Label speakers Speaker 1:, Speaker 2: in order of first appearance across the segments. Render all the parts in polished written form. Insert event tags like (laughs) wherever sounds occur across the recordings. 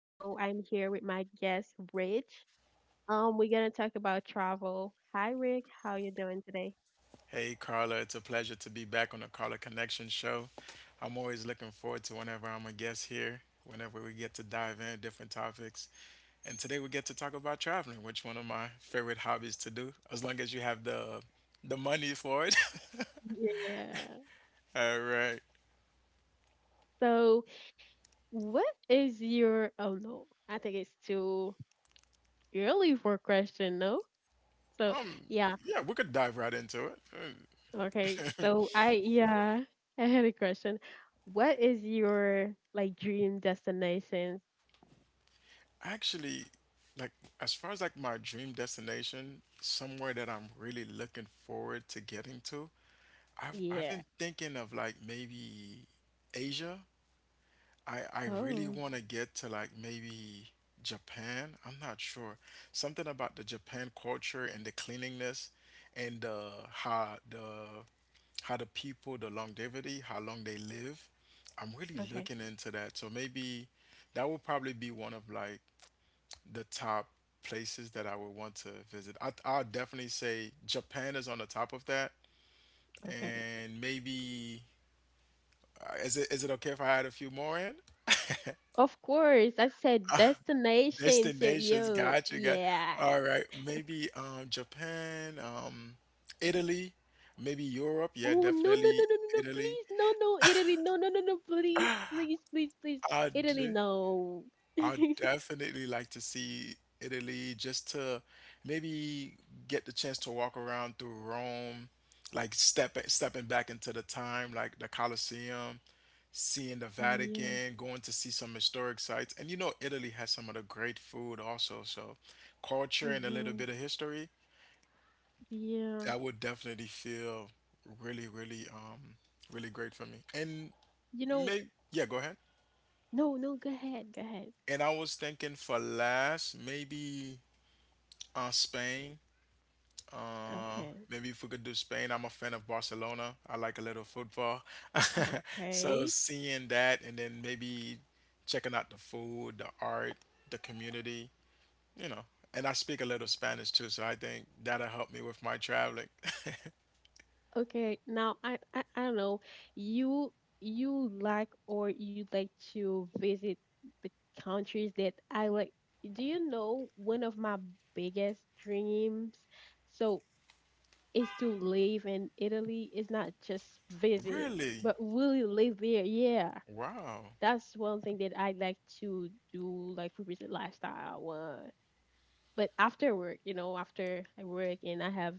Speaker 1: So I'm here with my guest Rich. We're gonna talk about travel. Hi Rick, how you doing today?
Speaker 2: Hey, Carla, it's a pleasure to be back on the Carla Connection Show. I'm always looking forward to whenever I'm a guest here, whenever we get to dive in different topics. And today we get to talk about traveling, which one of my favorite hobbies to do, as long as you have the money for it.
Speaker 1: Yeah.
Speaker 2: (laughs) All right.
Speaker 1: So what is your oh no, I think it's too early for a question, no? So
Speaker 2: Um,
Speaker 1: yeah,
Speaker 2: yeah, we could dive right into it. Uh,
Speaker 1: okay. So I yeah, (laughs) I had a question. What is your like dream destination?
Speaker 2: Actually, like as far as like my dream destination, somewhere that I'm really looking forward to getting to, I've
Speaker 1: Yeah.
Speaker 2: been thinking of like maybe Asia. I really
Speaker 1: Oh,
Speaker 2: want to get to like maybe Japan. I'm not sure. Something about the Japan culture and the cleanliness and the people, the longevity, how long they live. I'm really
Speaker 1: okay.
Speaker 2: looking into that. So maybe that will probably be one of like the top places that I would want to visit. I'll definitely say Japan is on the top of that.
Speaker 1: Okay.
Speaker 2: And maybe is it okay if I add a few more in?
Speaker 1: Of course, I said destinations. Yeah,
Speaker 2: Destinations,
Speaker 1: yo,
Speaker 2: gotcha, got
Speaker 1: yeah.
Speaker 2: all right. Maybe Japan, Italy, maybe Europe. Yeah,
Speaker 1: Oh no, no,
Speaker 2: definitely
Speaker 1: no, no, no, no!
Speaker 2: Italy.
Speaker 1: Please, no, no Italy, no, no, no, no, please, please, please, please
Speaker 2: I'd
Speaker 1: Italy no.
Speaker 2: I'd
Speaker 1: (laughs)
Speaker 2: definitely like to see Italy just to maybe get the chance to walk around through Rome, like stepping back into the time, like the Colosseum, seeing the
Speaker 1: Yeah.
Speaker 2: Vatican, going to see some historic sites. And you know, Italy has some of the great food also, so culture and a little
Speaker 1: Mhm.
Speaker 2: bit of history.
Speaker 1: Yeah.
Speaker 2: That would definitely feel really, really, really great for me. And
Speaker 1: You know.
Speaker 2: may, yeah, go ahead.
Speaker 1: No, no. Go ahead. Go ahead.
Speaker 2: And I was thinking for last, maybe Spain. Uh,
Speaker 1: Okay.
Speaker 2: maybe if we could do Spain. I'm a fan of Barcelona. I like a little football. (laughs) So
Speaker 1: Okay.
Speaker 2: seeing that and then maybe checking out the food, the art, the community, you know. And I speak a little Spanish too, so I think that'll help me with my traveling. (laughs)
Speaker 1: Okay, now I don't know. You you like or you'd like to visit the countries that I like. Do you know one of my biggest dreams? So is to live in Italy. It's not just visit,
Speaker 2: Really?
Speaker 1: but really live there. Yeah,
Speaker 2: Wow.
Speaker 1: that's one thing that I like to do, like represent lifestyle one but after work, you know, after I work and I have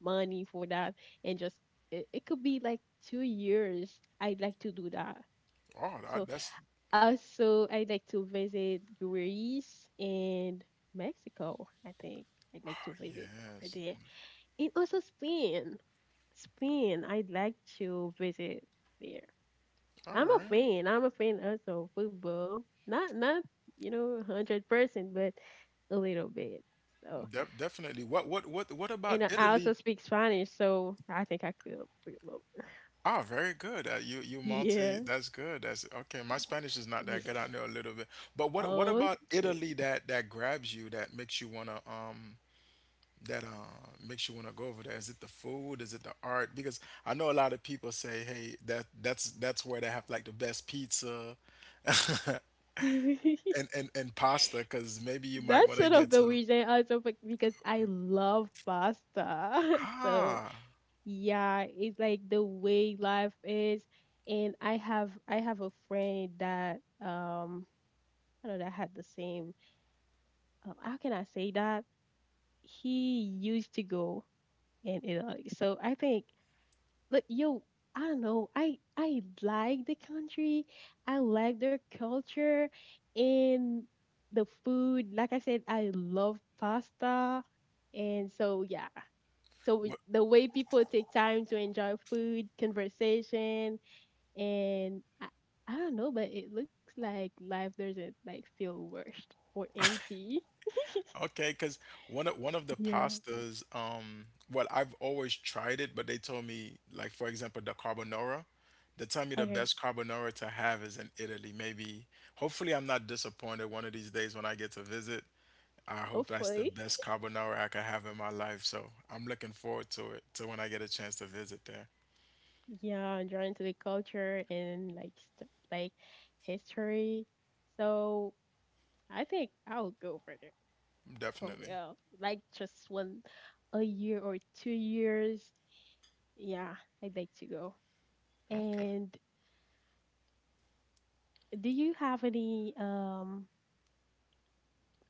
Speaker 1: money for that, and just it could be like 2 years. I'd like to do that.
Speaker 2: Oh,
Speaker 1: So
Speaker 2: that, that's
Speaker 1: also, I'd like to visit Greece and Mexico. I think I'd like to visit over
Speaker 2: yes.
Speaker 1: there, and also Spain. Spain, I'd like to visit there.
Speaker 2: All
Speaker 1: I'm a
Speaker 2: right.
Speaker 1: fan. I'm a fan also of football. Not not you know 100%, but a little bit. So
Speaker 2: Definitely. What about
Speaker 1: And I also
Speaker 2: Italy?
Speaker 1: speak Spanish, so I think I could reload. (laughs)
Speaker 2: Ah, very good. You you multi.
Speaker 1: Yeah.
Speaker 2: That's good. That's okay. My Spanish is not that
Speaker 1: Yeah.
Speaker 2: good. I know a little bit. But what about
Speaker 1: Okay.
Speaker 2: Italy that grabs you that makes you wanna that makes you wanna go over there? Is it the food? Is it the art? Because I know a lot of people say, hey, that's where they have like the best pizza (laughs) and
Speaker 1: (laughs)
Speaker 2: and pasta. Because maybe you might
Speaker 1: That's
Speaker 2: wanna
Speaker 1: one of
Speaker 2: get
Speaker 1: the
Speaker 2: some.
Speaker 1: reasons also because I love pasta. (laughs) So
Speaker 2: Ah.
Speaker 1: yeah, it's like the way life is. And I have a friend that I don't know that had the same how can I say that? He used to go in Italy. So I think Like yo, I don't know. I like the country. I like their culture and the food. Like I said, I love pasta, and so yeah. So the way people take time to enjoy food, conversation, and I don't know, but it looks like life doesn't like feel rushed or empty. (laughs)
Speaker 2: Okay, because one of the
Speaker 1: Yeah.
Speaker 2: pastas, well, I've always tried it, but they told me, like for example, the carbonara. They tell me the
Speaker 1: Okay.
Speaker 2: best carbonara to have is in Italy. Maybe, hopefully, I'm not disappointed one of these days when I get to visit. I hope that's
Speaker 1: Hopefully.
Speaker 2: the best carbonara I could have in my life. So I'm looking forward to it, to when I get a chance to visit there.
Speaker 1: Yeah, and drawn into the culture and like like history. So I think I'll go for the
Speaker 2: Definitely.
Speaker 1: Well, like just one a year or 2 years. Yeah, I'd like to go.
Speaker 2: Okay.
Speaker 1: And do you have any um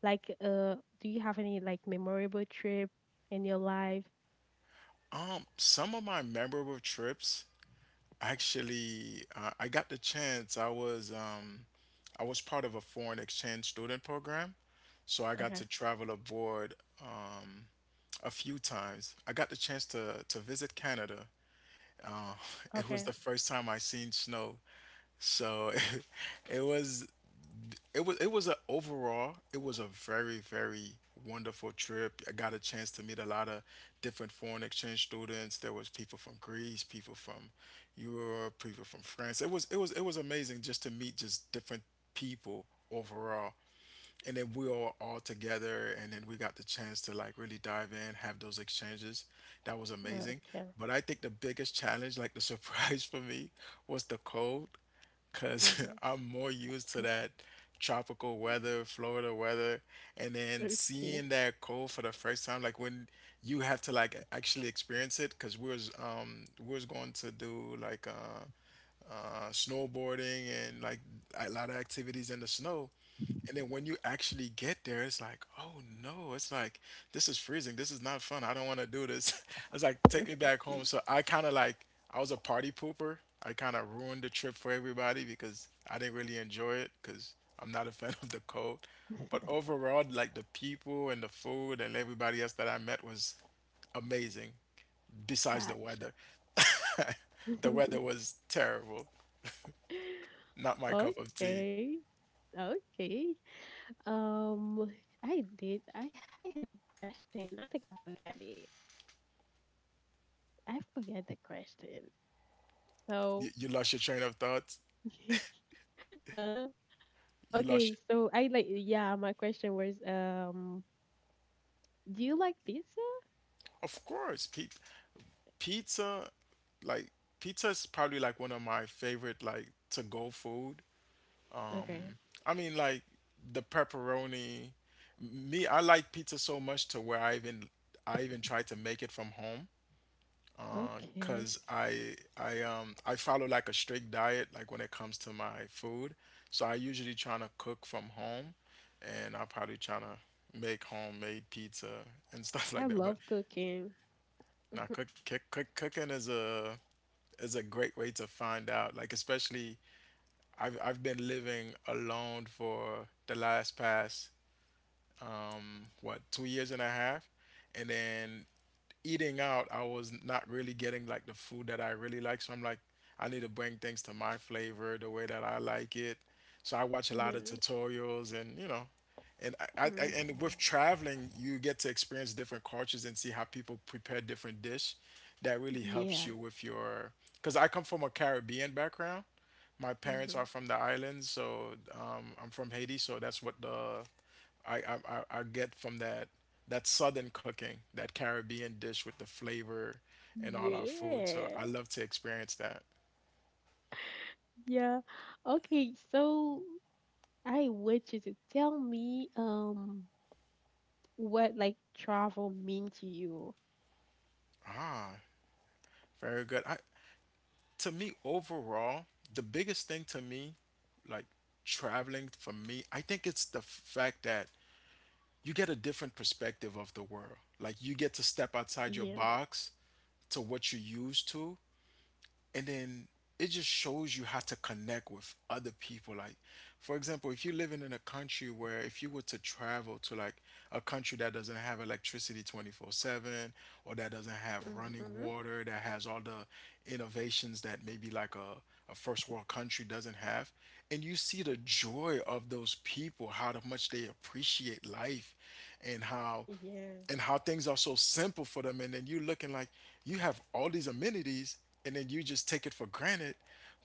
Speaker 1: like uh do you have any like memorable trip in your life?
Speaker 2: Some of my memorable trips. Actually, I got the chance. I was part of a foreign exchange student program, so I got
Speaker 1: Okay.
Speaker 2: to travel abroad, um, a few times. I got the chance to visit Canada. It was
Speaker 1: Okay.
Speaker 2: the first time I seen snow, so (laughs) it was it was a overall it was a very wonderful trip. I got a chance to meet a lot of different foreign exchange students. There was people from Greece, people from Europe, people from France. It was amazing just to meet just different people overall. And then we were all together and then we got the chance to like really dive in, have those exchanges. That was amazing.
Speaker 1: Okay.
Speaker 2: But I think the biggest challenge, like the (laughs) surprise for me, was the cold because
Speaker 1: Mm-hmm.
Speaker 2: (laughs) I'm more used to that tropical weather, Florida weather, and then
Speaker 1: Okay. Okay.
Speaker 2: seeing that cold for the first time, like when you have to like actually experience it, because we was going to do like snowboarding and like a lot of activities in the snow, and then when you actually get there, it's like, oh no, it's like, this is freezing. This is not fun. I don't want to do this. (laughs) I was like, take me back
Speaker 1: Okay.
Speaker 2: home. So I kind of like, I was a party pooper. I kind of ruined the trip for everybody because I didn't really enjoy it because I'm not a fan (laughs) of the cold. But overall, like the people and the food and everybody else that I met was amazing, besides the
Speaker 1: Gotcha.
Speaker 2: weather. (laughs) The weather was terrible.
Speaker 1: (laughs)
Speaker 2: Not my cup of tea.
Speaker 1: Okay. Okay. Um, I did. I had a question. I think I forgot it. I forgot the question. So,
Speaker 2: You lost your train of thought.
Speaker 1: (laughs) uh.
Speaker 2: You
Speaker 1: Okay.
Speaker 2: lost.
Speaker 1: So I like. Yeah. My question was. Do you like pizza?
Speaker 2: Of course, pizza, like pizza is probably like one of my favorite like to go food.
Speaker 1: Okay.
Speaker 2: I mean, like the pepperoni. Me, I like pizza so much to where I even try to make it from home.
Speaker 1: Okay.
Speaker 2: Cause I follow like a strict diet like when it comes to my food. So I usually trying to cook from home, and I'm probably trying to make homemade pizza and (laughs) stuff like
Speaker 1: I
Speaker 2: that. But
Speaker 1: love cooking.
Speaker 2: now cooking is a great way to find out. Like especially I've been living alone for the last past what 2 years and a half, and then eating out, I was not really getting like the food that I really like. So I'm like, I need to bring things to my flavor, the way that I like it. So I watch a lot of
Speaker 1: Yeah.
Speaker 2: tutorials and, you know, and I
Speaker 1: Hmm.
Speaker 2: and with traveling, you get to experience different cultures and see how people prepare different dish. That really helps
Speaker 1: Yeah.
Speaker 2: you with your, because I come from a Caribbean background. My parents
Speaker 1: Hmm.
Speaker 2: are from the islands, so I'm from Haiti, so that's what the I get from that southern cooking, that Caribbean dish with the flavor and all our food. So I
Speaker 1: Yeah.
Speaker 2: love to experience that.
Speaker 1: Yeah. Okay. So I want you to tell me. What like travel mean to you.
Speaker 2: Ah, very good. I, to me overall, the biggest thing to me, like traveling for me, I think it's the fact that you get a different perspective of the world. Like you get to step outside
Speaker 1: Yeah.
Speaker 2: your box to what you're used to and then it just shows you how to connect with other people, like for example if you're living in a country where if you were to travel to like a country that doesn't have electricity 24/7, or that doesn't have running
Speaker 1: Mhm.
Speaker 2: water, that has all the innovations that maybe like a first world country doesn't have, and you see the joy of those people, how much they appreciate life, and
Speaker 1: Yeah.
Speaker 2: how things are so simple for them, and then you looking like you have all these amenities, and then you just take it for granted.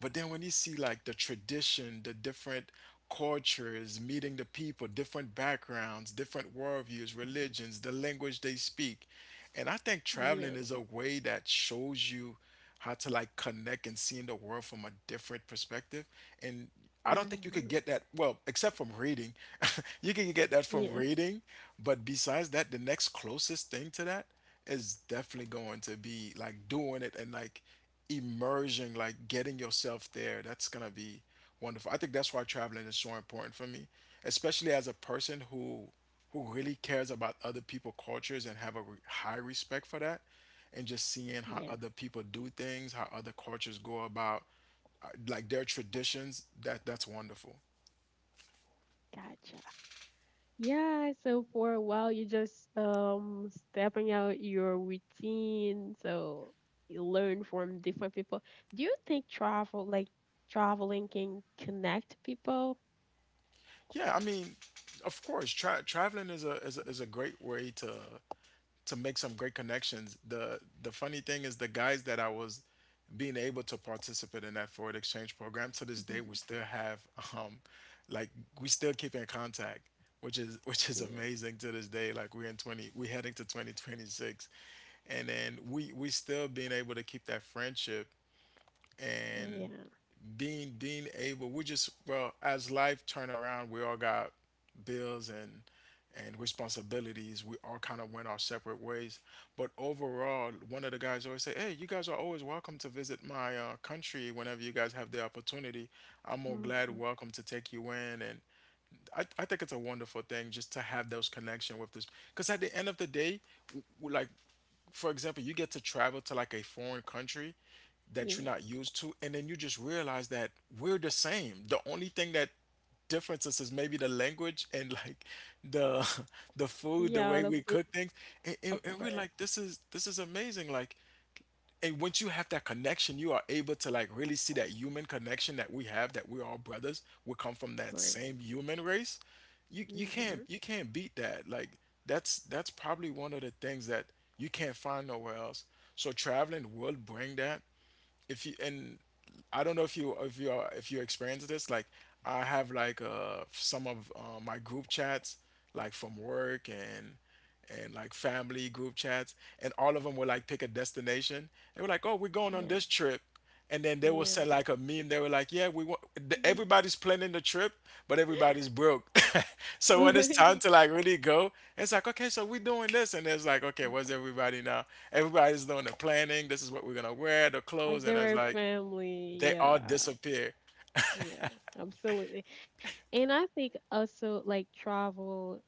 Speaker 2: But then when you see like the tradition, the different cultures, meeting the people, different backgrounds, different worldviews, religions, the language they speak, and I think
Speaker 1: Yeah.
Speaker 2: traveling is a way that shows you how to like connect and seeing the world from a different perspective. And I don't think you
Speaker 1: Mhm.
Speaker 2: could get that, well, except from reading. (laughs) You can get that from
Speaker 1: Yeah.
Speaker 2: reading. But besides that, the next closest thing to that is definitely going to be like doing it and like immersion, like getting yourself there. That's going to be wonderful. I think that's why traveling is so important for me, especially as a person who really cares about other people cultures and have a high respect for that, and just seeing how
Speaker 1: Yeah.
Speaker 2: other people do things, how other cultures go about, like their traditions, that that's wonderful.
Speaker 1: Gotcha. Yeah, so for a while you just stepping out your routine, so you learn from different people. Do you think travel like traveling can connect people?
Speaker 2: Yeah, I mean, of course traveling is a great way to make some great connections. The funny thing is the guys that I was being able to participate in that forward exchange program to this day we
Speaker 1: (laughs)
Speaker 2: still have um like we still keep in contact which is (laughs) which is
Speaker 1: Yeah.
Speaker 2: amazing to this day like we're in 20 we're heading to 2026. And then we still being able to keep that friendship and
Speaker 1: Oh, yeah.
Speaker 2: being able, we just, well, as life turn around, we all got bills and responsibilities. We all kind of went our separate ways, but overall, one of the guys always say, "Hey, you guys are always welcome to visit my country whenever you guys have the opportunity. I'm more glad
Speaker 1: Hmm.
Speaker 2: welcome to take you in." And I think it's a wonderful thing just to have those connection with this, because at the end of the day, like, for example, you get to travel to like a foreign country that you're
Speaker 1: Yeah.
Speaker 2: not used to, and then you just realize that we're the same. The only thing that differences is maybe the language and like the (laughs) the food, the
Speaker 1: Yeah,
Speaker 2: way
Speaker 1: the
Speaker 2: we
Speaker 1: food,
Speaker 2: cook things. and, and,
Speaker 1: of
Speaker 2: and
Speaker 1: course.
Speaker 2: we're
Speaker 1: Of
Speaker 2: like, this is amazing. Like, and once you have that connection, you are able to like really see that human connection that we have, that we're all brothers, we come from that
Speaker 1: course.
Speaker 2: same human race. You can't,
Speaker 1: Hmm.
Speaker 2: you can't beat that. Like, that's probably one of the things that you can't find nowhere else. So traveling will bring that. If you and I don't know if you are, if you experience this, like I have, like some of my group chats, like from work, and like family group chats, and all of them would like pick a destination. They were like, "Oh, we're going on
Speaker 1: Yeah.
Speaker 2: this trip," and then they will
Speaker 1: Yeah.
Speaker 2: send like a meme. They were like, "Yeah, we want everybody's planning the trip, but everybody's broke." (laughs) So when it's time
Speaker 1: (laughs)
Speaker 2: to like really go, it's like, "Okay, so we're doing this," and it's like, "Okay, where's
Speaker 1: Like
Speaker 2: everybody now? Everybody's doing the planning. This is what we're gonna wear, the clothes," and it's
Speaker 1: they're a
Speaker 2: like
Speaker 1: family,
Speaker 2: they all
Speaker 1: yeah,
Speaker 2: disappear. (laughs)
Speaker 1: yeah, absolutely. And I think also like travel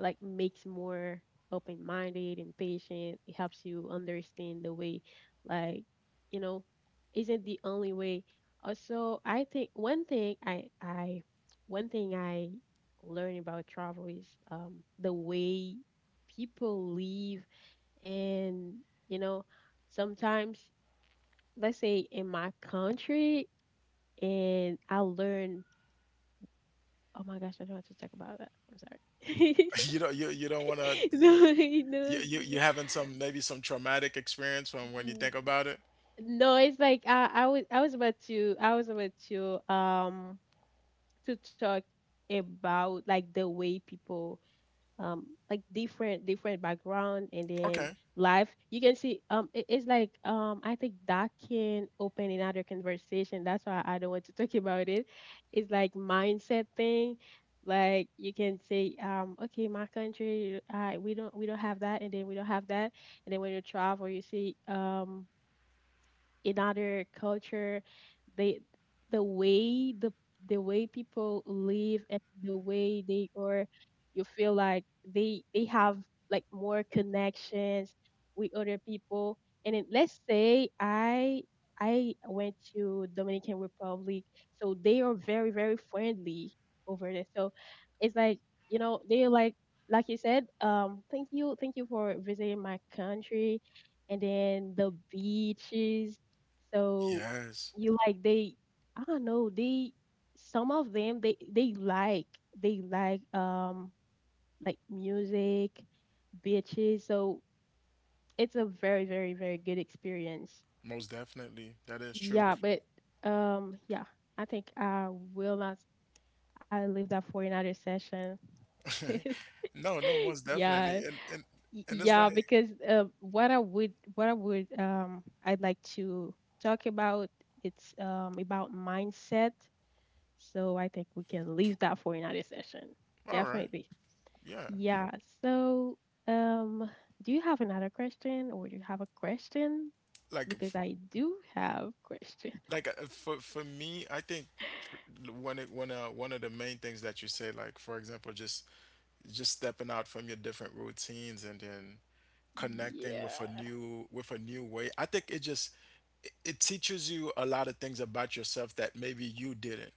Speaker 1: like makes more open-minded and patient. It helps you understand the way, like, you know, isn't the only way. Also I think one thing I one thing i learn about travel is the way people live, and you know sometimes let's say in my country and I learn oh my gosh, I don't want to talk about that. I'm sorry.
Speaker 2: You don't, you don't want to.
Speaker 1: (laughs) No,
Speaker 2: You,
Speaker 1: no,
Speaker 2: you having some maybe some traumatic experience from when you
Speaker 1: n-
Speaker 2: think about it.
Speaker 1: no, it's like I was I was about to talk about like the way people like different background. And then
Speaker 2: Okay.
Speaker 1: life you can see, it's like, um, I think that can open another conversation. That's why I don't want to (laughs) talk about it. It's like mindset thing. Like you can say, okay, my country, we don't have that, and then we don't have that. And then when you travel, you see, in other culture, they the way the the way people live and the way they are, you feel like they have like more connections with other people. And then let's say I went to Dominican Republic, so they are very, very friendly over there. So it's like, you know, they're like you said, thank you, thank you for visiting my country. And then the beaches, so
Speaker 2: Yes,
Speaker 1: you like, they I don't know, they some of them they like they like um like music, bitches. So it's a very, very, very good experience.
Speaker 2: most definitely. That is true.
Speaker 1: Yeah, but, um, yeah, I think I will not I leave that for another session. (laughs)
Speaker 2: No, no, most
Speaker 1: Yeah.
Speaker 2: definitely. And it's
Speaker 1: Yeah,
Speaker 2: like,
Speaker 1: because, what I would, um, I'd like to talk about, it's about mindset. So I think we can leave that for another session.
Speaker 2: all right.
Speaker 1: Definitely.
Speaker 2: Yeah,
Speaker 1: Yeah. So, um, do you have another question or do you have a question?
Speaker 2: like
Speaker 1: Because I do have question.
Speaker 2: like for me, I think one of the main things that you say, like, for example, just stepping out from your different routines and then connecting with a
Speaker 1: Yeah.
Speaker 2: new, with a new way. I think it just it teaches you a lot of things about yourself that maybe you didn't.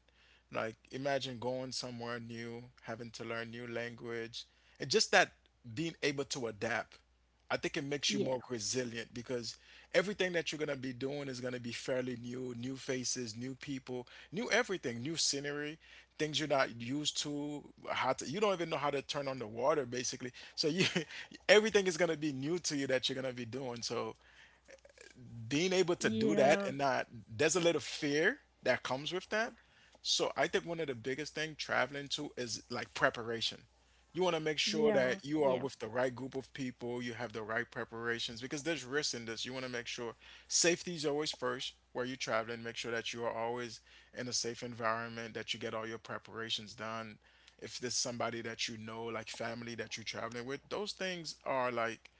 Speaker 2: Like, imagine going somewhere new, having to learn new language, and just that being able to adapt. I think it makes you
Speaker 1: Yeah.
Speaker 2: more resilient because everything that you're gonna be doing is gonna be fairly new. New faces, new people, new everything, new scenery, things you're not used to. How to You don't even know how to turn on the water basically, so you (laughs) everything is going to be new to you that you're going to be doing. So being able to do that
Speaker 1: Yeah.
Speaker 2: and not, there's a little fear that comes with that. So I think one of the biggest thing traveling to is like preparation. You want to make sure
Speaker 1: Yeah.
Speaker 2: that you are
Speaker 1: Yeah.
Speaker 2: with the right group of people, you have the right preparations, because there's risks in this. You want to make sure safety is always first where you're traveling. Make sure that you are always in a safe environment, that you get all your preparations done. If there's somebody that you know, like family that you're traveling with, those things are like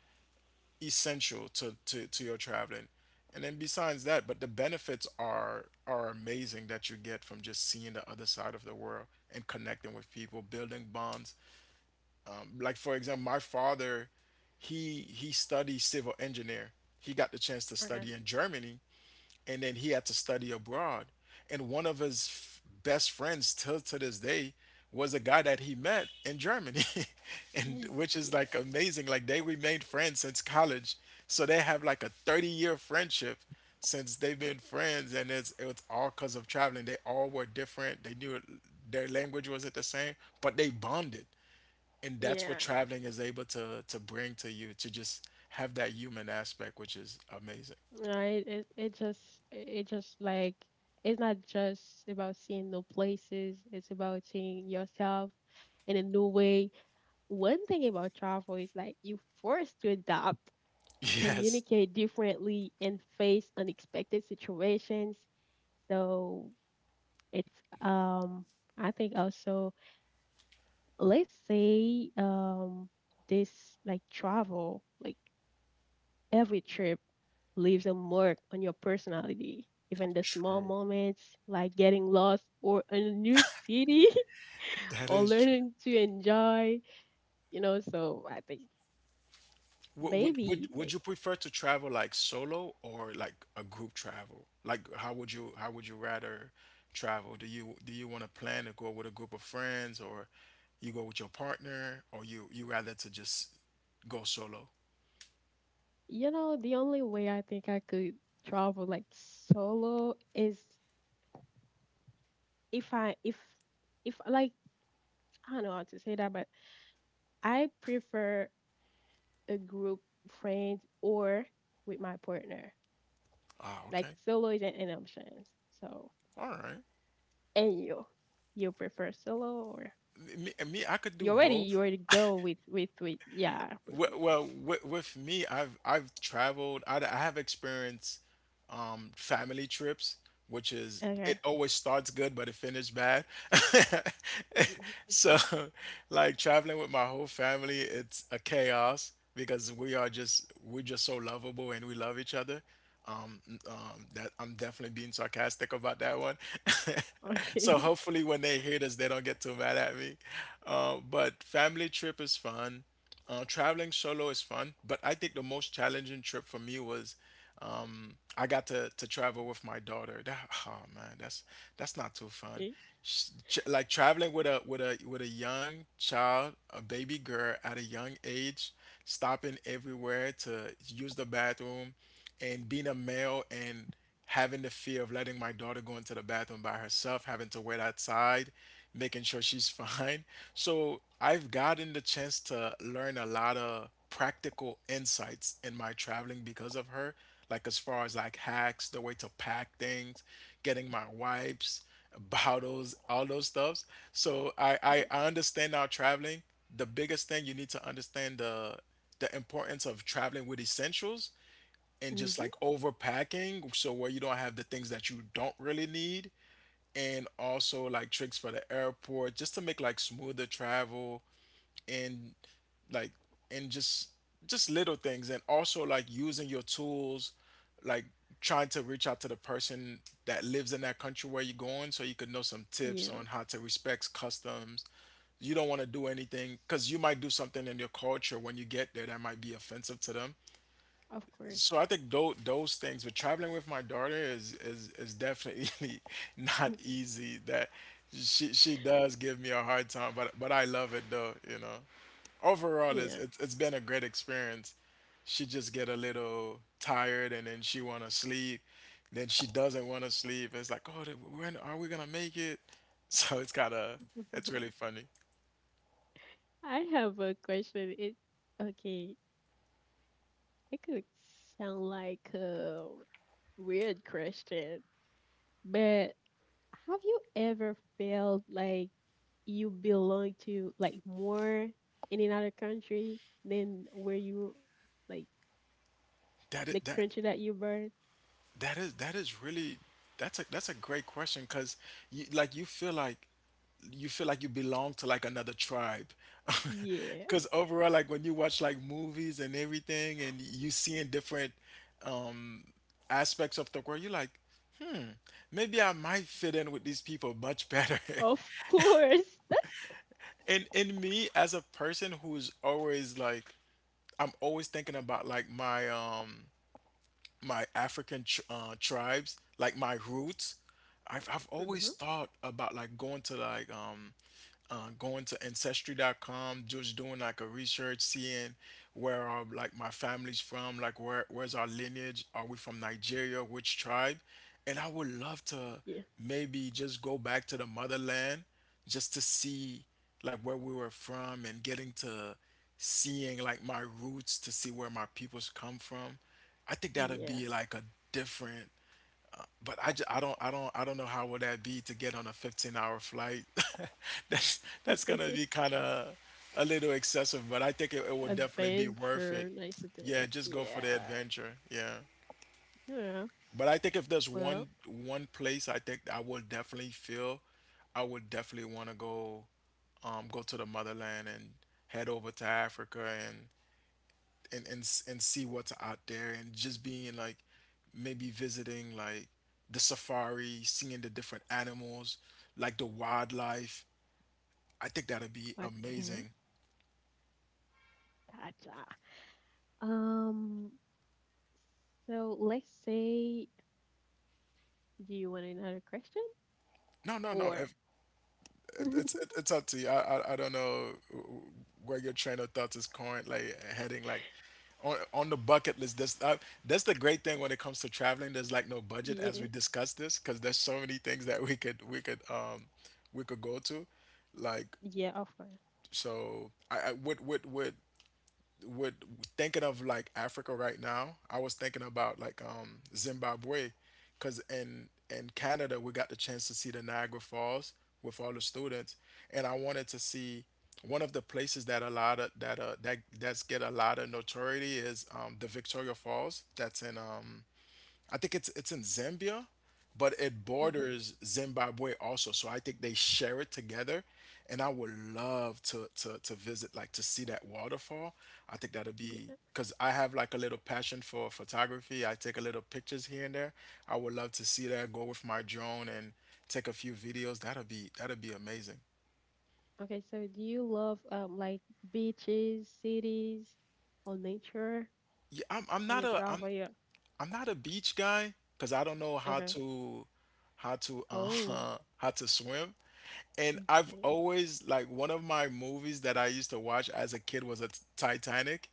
Speaker 2: essential to, to your traveling. And then besides that, but the benefits are amazing that you get from just seeing the other side of the world and connecting with people, building bonds. Like, for example, my father, he studied civil engineer. He got the chance to
Speaker 1: Okay.
Speaker 2: study in Germany, and then he had to study abroad. And one of his best friends, till to this day, was a guy that he met in Germany, (laughs) and
Speaker 1: Y-
Speaker 2: which is
Speaker 1: Yeah.
Speaker 2: like amazing. Like they remained friends since college, so they have like a 30-year friendship since they've been friends, and it's all because of traveling. They all were different. They knew their language wasn't the same, but they bonded, and that's what
Speaker 1: Yeah.
Speaker 2: traveling is able to bring to you, to just have that human aspect, which is amazing. (laughs)
Speaker 1: No, it, it just like, it's not just about seeing new places, it's about seeing yourself in a new way. One thing about travel is like you forced to adapt,
Speaker 2: Yes.
Speaker 1: communicate differently, and face unexpected situations. So it's, um, I think also, let's say, um, this like travel, like every trip leaves a mark on your personality. Even the small
Speaker 2: True.
Speaker 1: moments like getting lost or in a new city (laughs)
Speaker 2: That
Speaker 1: or
Speaker 2: is true.
Speaker 1: learning to enjoy, you know, so I think
Speaker 2: Would, would would
Speaker 1: maybe
Speaker 2: would you prefer to travel like solo or like a group travel? Like how would you, how would you rather travel? Do you want to plan to go with a group of friends, or you go with your partner, or you rather to just go solo?
Speaker 1: You know, the only way I think I could travel like solo is if I if like I don't know how to say that, but I prefer a group friends or with my partner.
Speaker 2: Ah,
Speaker 1: Like
Speaker 2: okay.
Speaker 1: solo isn't an option. So
Speaker 2: All right.
Speaker 1: and you. You prefer solo or
Speaker 2: Me, I could do
Speaker 1: you already
Speaker 2: both.
Speaker 1: go with yeah, I prefer
Speaker 2: Well, with me, I've traveled. I have experienced family trips, which is it
Speaker 1: okay.
Speaker 2: always starts good but it finishes bad. (laughs)
Speaker 1: (laughs)
Speaker 2: So, like traveling with my whole family, it's a chaos because we are just, we're just so lovable and we love each other. Um, that I'm definitely being sarcastic about that one. (laughs) So
Speaker 1: Okay.
Speaker 2: hopefully when they hear this, they don't get too mad at me. But family trip is fun. Traveling solo is fun, but I think the most challenging trip for me was I got to travel with my daughter. That, oh man, that's not too fun.
Speaker 1: (laughs)
Speaker 2: Like traveling with a with a young child, a baby girl at a young age, stopping everywhere to use the bathroom, and being a male and having the fear of letting my daughter go into the bathroom by herself, having to wait outside, making sure she's (laughs) fine. So I've gotten the chance to learn a lot of practical insights in my traveling because of her, like as far as like hacks, the way to pack things, getting my wipes, (laughs) bottles, all those stuffs. So I, I,
Speaker 1: Okay.
Speaker 2: I understand now traveling. The biggest thing you need to understand, the importance of traveling with essentials, and just like
Speaker 1: Mm-hmm.
Speaker 2: overpacking, so where you don't have the things that you don't really need, and also like tricks for the airport just to make like smoother travel, and like, and just little things, and also like using your tools, like trying to reach out to the person that lives in that country where you're going, so you could know some tips
Speaker 1: Yeah,
Speaker 2: on how to respect customs. You don't want to do anything, because you might do something in your culture when you get there that might be offensive to them.
Speaker 1: of course.
Speaker 2: So I think those things. But traveling with my daughter is is definitely (laughs) not
Speaker 1: (laughs)
Speaker 2: easy. That she does give me a hard time, but I love it though, you know. Overall,
Speaker 1: Yeah.
Speaker 2: it's been a great experience. She just get a little tired, and then she wanna sleep. Then she doesn't wanna sleep. It's like, oh, when are we gonna make it? (laughs) So it's kind of, it's really
Speaker 1: (laughs)
Speaker 2: funny.
Speaker 1: I have a question. It okay. It could sound like a weird question, but have you ever felt like you belong to like more in another country than where you like
Speaker 2: That
Speaker 1: the
Speaker 2: it that.
Speaker 1: country that you born?
Speaker 2: That is, that is really, that's a, that's a great question, because you like, you feel like, you feel like you belong to like another tribe, (laughs)
Speaker 1: Yeah,
Speaker 2: because overall, like when you watch like movies and everything, and you seeing different um aspects of the world, you're like, maybe I might fit in with these people much better.
Speaker 1: (laughs) of course. That's
Speaker 2: (laughs) And in me as a person who's always like, I'm always thinking about like my my African tribes, like my roots. I've always
Speaker 1: hmm,
Speaker 2: thought about like going to ancestry.com, just doing like a research, seeing where are like my family's from, like where where's our lineage. Are we from Nigeria? Which tribe? And I would love to
Speaker 1: yeah,
Speaker 2: maybe just go back to the motherland, just to see like where we were from, and getting to seeing like my roots, to see where my peoples come from. I think that would
Speaker 1: yeah.
Speaker 2: be like a different, but I don't, I don't I don't know how would that be to get on a 15-hour hour flight. (laughs) That's gonna be
Speaker 1: (laughs)
Speaker 2: kind of a little excessive, but I think it, it would definitely be worth it.
Speaker 1: Adventure, nice adventure.
Speaker 2: Yeah, just go for the
Speaker 1: Yeah,
Speaker 2: adventure. Yeah,
Speaker 1: yeah.
Speaker 2: but I think if there's one,
Speaker 1: Well,
Speaker 2: one place I think I would definitely feel, I would definitely want to go, go to the motherland and head over to Africa, and and see what's out there, and just being like, maybe visiting like the safari, seeing the different animals, like the wildlife. I think that'd be
Speaker 1: okay.
Speaker 2: amazing.
Speaker 1: Gotcha. Um, so let's say, do you want another question?
Speaker 2: No, no, no.
Speaker 1: Or,
Speaker 2: if, It, it's
Speaker 1: (laughs)
Speaker 2: up to you. I don't know where your train of thoughts is going, like heading like on the bucket list. That's that's the great thing when it comes to traveling. There's like no budget, as we
Speaker 1: yeah,
Speaker 2: discussed this, because there's so many things that we could we could we could go to, like.
Speaker 1: yeah, of course.
Speaker 2: So I would, would thinking of like Africa right now. I was thinking about like Zimbabwe, cause in Canada we got the chance to see the Niagara Falls with all the students, and I wanted to see one of the places that a lot of that that that's get a lot of notoriety is the Victoria Falls that's in I think it's in Zambia, but it
Speaker 1: Hmm.
Speaker 2: borders Zimbabwe also. So I think they share it together. And I would love to visit, like to see that waterfall. I think that'd be
Speaker 1: Yeah.
Speaker 2: because I have like a little passion for photography. I take a little pictures here and there. I would love to see that, go with my drone and take a few videos. That will be amazing.
Speaker 1: Okay, so do you love, um, like beaches, cities, or nature
Speaker 2: Yeah, I'm I'm
Speaker 1: when
Speaker 2: not
Speaker 1: you
Speaker 2: a I'm
Speaker 1: travel? Yeah.
Speaker 2: I'm not a beach guy because I don't know how
Speaker 1: Okay.
Speaker 2: to how to
Speaker 1: Oh,
Speaker 2: uh (laughs) how to swim. And I've
Speaker 1: okay.
Speaker 2: always like one of my movies that I used to watch as a kid was a Titanic.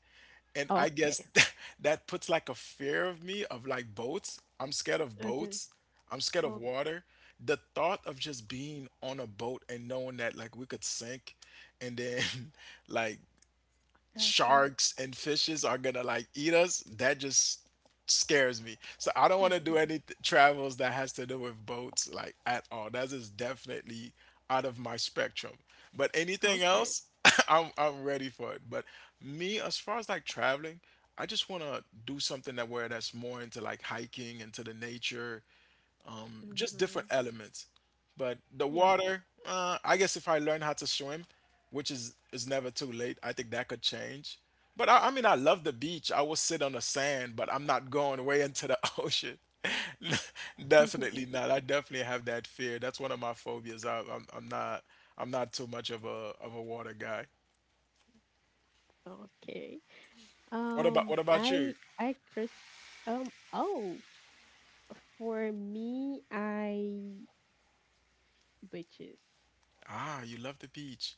Speaker 2: And I guess
Speaker 1: Okay.
Speaker 2: (laughs) that puts like a fear of me of like boats. I'm scared of
Speaker 1: Okay.
Speaker 2: boats. I'm scared of
Speaker 1: Oh,
Speaker 2: water. The thought of just being on a boat and knowing that like we could sink and then (laughs) like
Speaker 1: gotcha.
Speaker 2: sharks and fishes are gonna like eat us, that just scares me. So I don't want to do any
Speaker 1: (laughs)
Speaker 2: th- travels that has to do with boats like at all. That is definitely out of my spectrum. But anything
Speaker 1: Okay.
Speaker 2: else, (laughs) I'm ready for it. But me, as far as like traveling, I just want to do something that where that's more into like hiking into the nature just
Speaker 1: Mm-hmm.
Speaker 2: different elements. But the
Speaker 1: Yeah. (laughs)
Speaker 2: water, I guess if I learn how to swim, which is never too late, I think that could change. But I mean, I love the beach. I will sit on the sand, but I'm not going way into the (laughs) ocean. (laughs) Definitely not. I definitely have that fear. That's one of my phobias. I'm not too much of a water guy.
Speaker 1: Okay.
Speaker 2: What about what about you?
Speaker 1: I Chris. Oh, For me, I beaches
Speaker 2: Ah, you love the beach.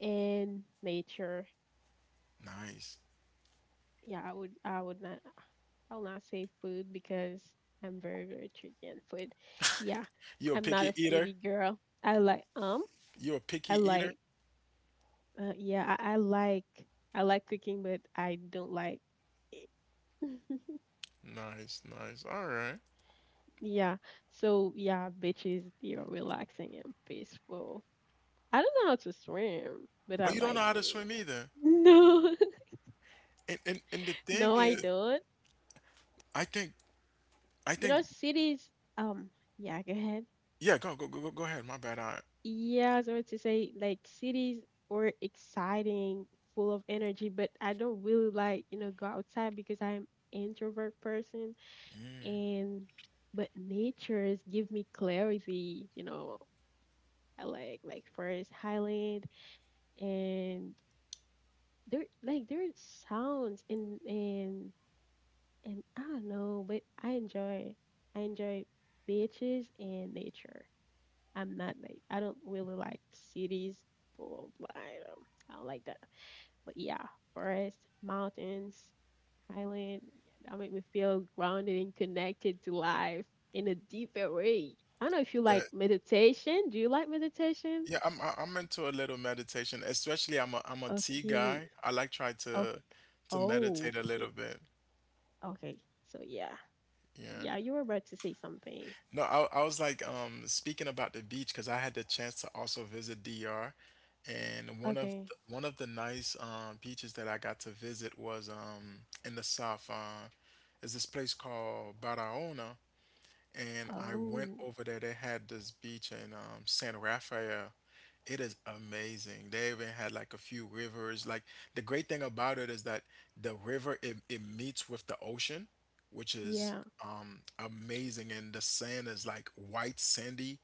Speaker 1: and nature.
Speaker 2: Nice.
Speaker 1: Yeah, I would not I'll not say food because I'm very, very tricky on food. Yeah,
Speaker 2: You a
Speaker 1: I'm not a
Speaker 2: picky eater?
Speaker 1: foodie girl. I like, um,
Speaker 2: You a picky
Speaker 1: I
Speaker 2: eater?
Speaker 1: like yeah, I like cooking, but I don't like it. (laughs)
Speaker 2: Nice, nice. All right.
Speaker 1: Yeah. So yeah, beaches they are relaxing and peaceful. I don't know how to swim, but
Speaker 2: Oh,
Speaker 1: I
Speaker 2: you don't know
Speaker 1: like
Speaker 2: how to
Speaker 1: beach.
Speaker 2: swim
Speaker 1: (laughs)
Speaker 2: either.
Speaker 1: No.
Speaker 2: And the thing
Speaker 1: No, I
Speaker 2: is,
Speaker 1: don't.
Speaker 2: I think I
Speaker 1: You
Speaker 2: think
Speaker 1: know, cities, um, yeah, go ahead.
Speaker 2: yeah, go ahead. My bad. I
Speaker 1: Yeah, I was going to say, like, cities were exciting, full of energy, but I don't really like, you know, go outside because I'm introvert person. And but nature's give me clarity, you know. I like forest highland and there's sounds and and I don't know, but I enjoy beaches and nature. I'm not like I don't really like cities full of like I don't like that. But yeah, forest, mountains, highland, yeah, that make me feel grounded and connected to life in a deeper way. I don't know if you like
Speaker 2: that
Speaker 1: meditation. Do you like meditation?
Speaker 2: yeah, I'm into a little meditation. Especially I'm a tea
Speaker 1: Okay.
Speaker 2: guy. I like try to
Speaker 1: Okay.
Speaker 2: to meditate a little
Speaker 1: Okay.
Speaker 2: bit.
Speaker 1: Okay. So yeah.
Speaker 2: Yeah.
Speaker 1: Yeah, you were about to say something.
Speaker 2: No, I was like speaking about the beach because I had the chance to also visit DR, and one of
Speaker 1: Okay.
Speaker 2: the, one of the nice beaches that I got to visit was in the south. Is this place called Barahona and I went
Speaker 1: Oh.
Speaker 2: over there. They had this beach in San Rafael. It is amazing. They even had like a few rivers. Like the great thing about it is that the river it, it meets with the ocean, which is
Speaker 1: Yeah.
Speaker 2: amazing, and the sand is like white sandy,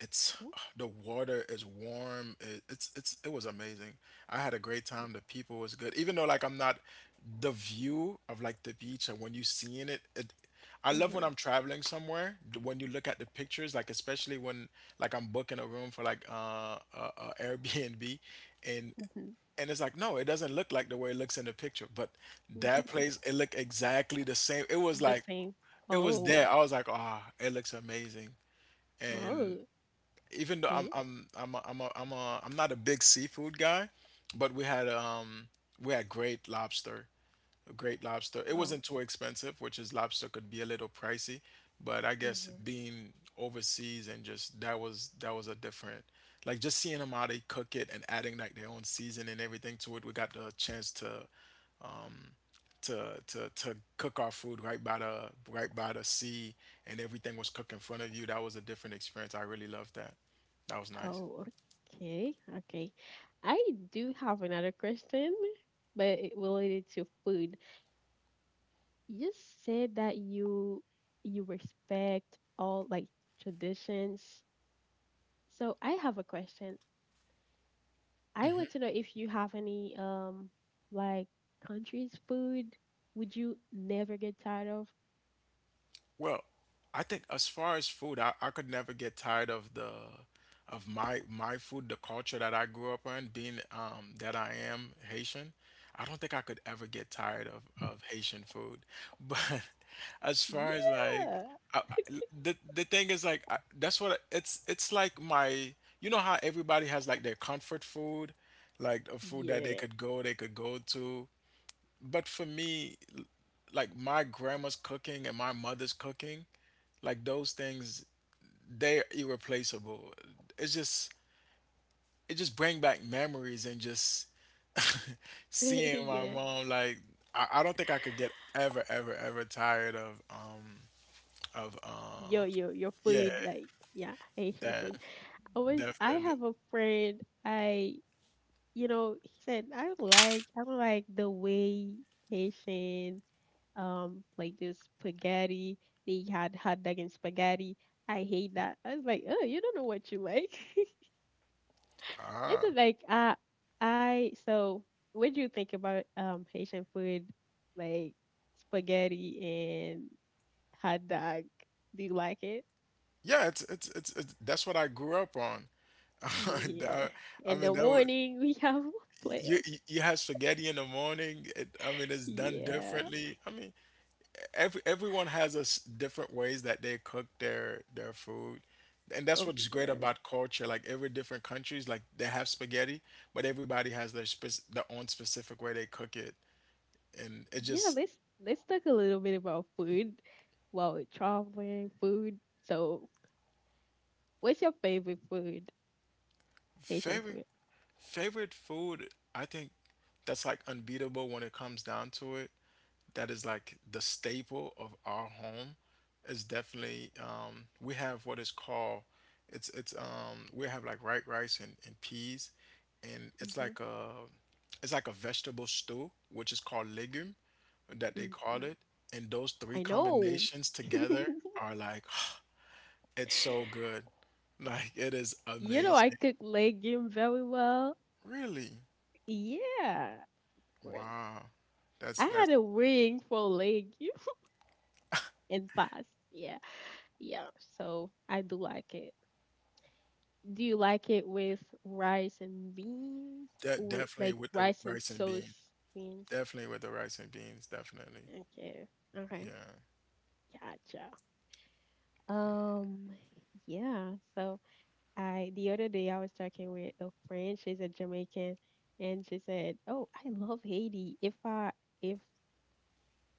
Speaker 2: it's
Speaker 1: Oh.
Speaker 2: the water is warm, it it was amazing. I had a great time, the people was good, even though like I'm not, the view of like the beach and when you seeing it, I love when
Speaker 1: Mm-hmm.
Speaker 2: I'm traveling somewhere when you look at the pictures, like especially when like I'm booking a room for like (laughs) Airbnb and
Speaker 1: Mm-hmm.
Speaker 2: and it's like no, it doesn't look like the way it looks in the picture, but that place, it looked exactly the same. It
Speaker 1: (laughs)
Speaker 2: was
Speaker 1: The
Speaker 2: like
Speaker 1: same.
Speaker 2: it was
Speaker 1: Oh.
Speaker 2: there. I was like, ah, it looks amazing. And
Speaker 1: Oh,
Speaker 2: even though
Speaker 1: okay.
Speaker 2: I'm a, I'm a, I'm a, I'm not a big seafood guy, but we had great lobster, great lobster. It
Speaker 1: Oh,
Speaker 2: wasn't too expensive, which is lobster could be a little pricey, but I guess
Speaker 1: hmm,
Speaker 2: being overseas and just that was a different, like just seeing them how they cook it and adding like their own season and everything to it. We got the chance to um, to cook our food right by the sea, and everything was cooked in front of you. That was a different experience. I really loved that. That was nice.
Speaker 1: oh, okay. Okay. I do have another question, but it related to food. You just said that you respect all like traditions. So I have a question. I want to know if you have any, um, like countries food would you never get tired of?
Speaker 2: Well, I think as far as food, I could never get tired of the of my food, the culture that I grew up in, being that I am Haitian. I don't think I could ever get tired of Haitian food. (laughs) But as far as like
Speaker 1: Yeah.
Speaker 2: I, the thing is like I, that's what I- it's like my, you know how everybody has like their comfort food, like a food that they
Speaker 1: Yeah.
Speaker 2: could go to. But for me, like my grandma's cooking and my mother's cooking, like those things, they're irreplaceable. It's just it just bring back memories and just (laughs) seeing
Speaker 1: (laughs)
Speaker 2: my
Speaker 1: Yeah.
Speaker 2: mom like I don't think I could get ever tired of of um
Speaker 1: Yo, yo, your
Speaker 2: yeah,
Speaker 1: food, like yeah, Asian
Speaker 2: that
Speaker 1: food. I
Speaker 2: definitely.
Speaker 1: have a friend I you know he said I don't like the way Haitian, um, like this spaghetti, they had hot dog and spaghetti. I hate that. I was like oh you don't know what you like. (laughs) It's
Speaker 2: Ah.
Speaker 1: just like, uh, I so what do you think about, um, Haitian food, like spaghetti and hot dog, do you like it?
Speaker 2: Yeah, it's that's what I grew up on. (laughs)
Speaker 1: Yeah.
Speaker 2: That- I
Speaker 1: In the
Speaker 2: mean that was
Speaker 1: morning we have (laughs)
Speaker 2: you
Speaker 1: playoffs.
Speaker 2: you you have spaghetti in the morning. It, I mean it's done
Speaker 1: Yeah,
Speaker 2: differently. I mean everyone has us different ways that they cook their food, and that's
Speaker 1: of
Speaker 2: what's great
Speaker 1: course.
Speaker 2: about culture, like every different countries like they have spaghetti, but everybody has their their own specific way they cook it, and it
Speaker 1: Yeah,
Speaker 2: just
Speaker 1: let's talk a little bit about food while we're traveling, food. So what's your favorite food? Haitian
Speaker 2: favorite
Speaker 1: food.
Speaker 2: favorite food, I think that's like unbeatable when it comes down to it. That is like the staple of our home is definitely, we have what is called, it's we have like white rice and peas, and it's
Speaker 1: Mm-hmm.
Speaker 2: like a, it's like a vegetable stew which is called legume that they call
Speaker 1: Mm-hmm.
Speaker 2: it, and those three
Speaker 1: I know.
Speaker 2: combinations
Speaker 1: (laughs)
Speaker 2: together are like (sighs) it's so good, like it is
Speaker 1: I
Speaker 2: amazing.
Speaker 1: cook legume very well.
Speaker 2: Really.
Speaker 1: Yeah, of course.
Speaker 2: Wow. that's
Speaker 1: I
Speaker 2: that's
Speaker 1: had a wing for legume (laughs) and pasta. Yeah, yeah. So I do like it. Do you like it with rice and beans
Speaker 2: that
Speaker 1: or
Speaker 2: definitely
Speaker 1: like
Speaker 2: with the
Speaker 1: rice and
Speaker 2: rice and beans,
Speaker 1: sauce beans?
Speaker 2: definitely with the rice and beans, definitely.
Speaker 1: Okay, okay,
Speaker 2: Yeah.
Speaker 1: gotcha. Um, yeah. So I the other day I was talking with a friend. She's a Jamaican, and she said, "Oh, I love Haiti. If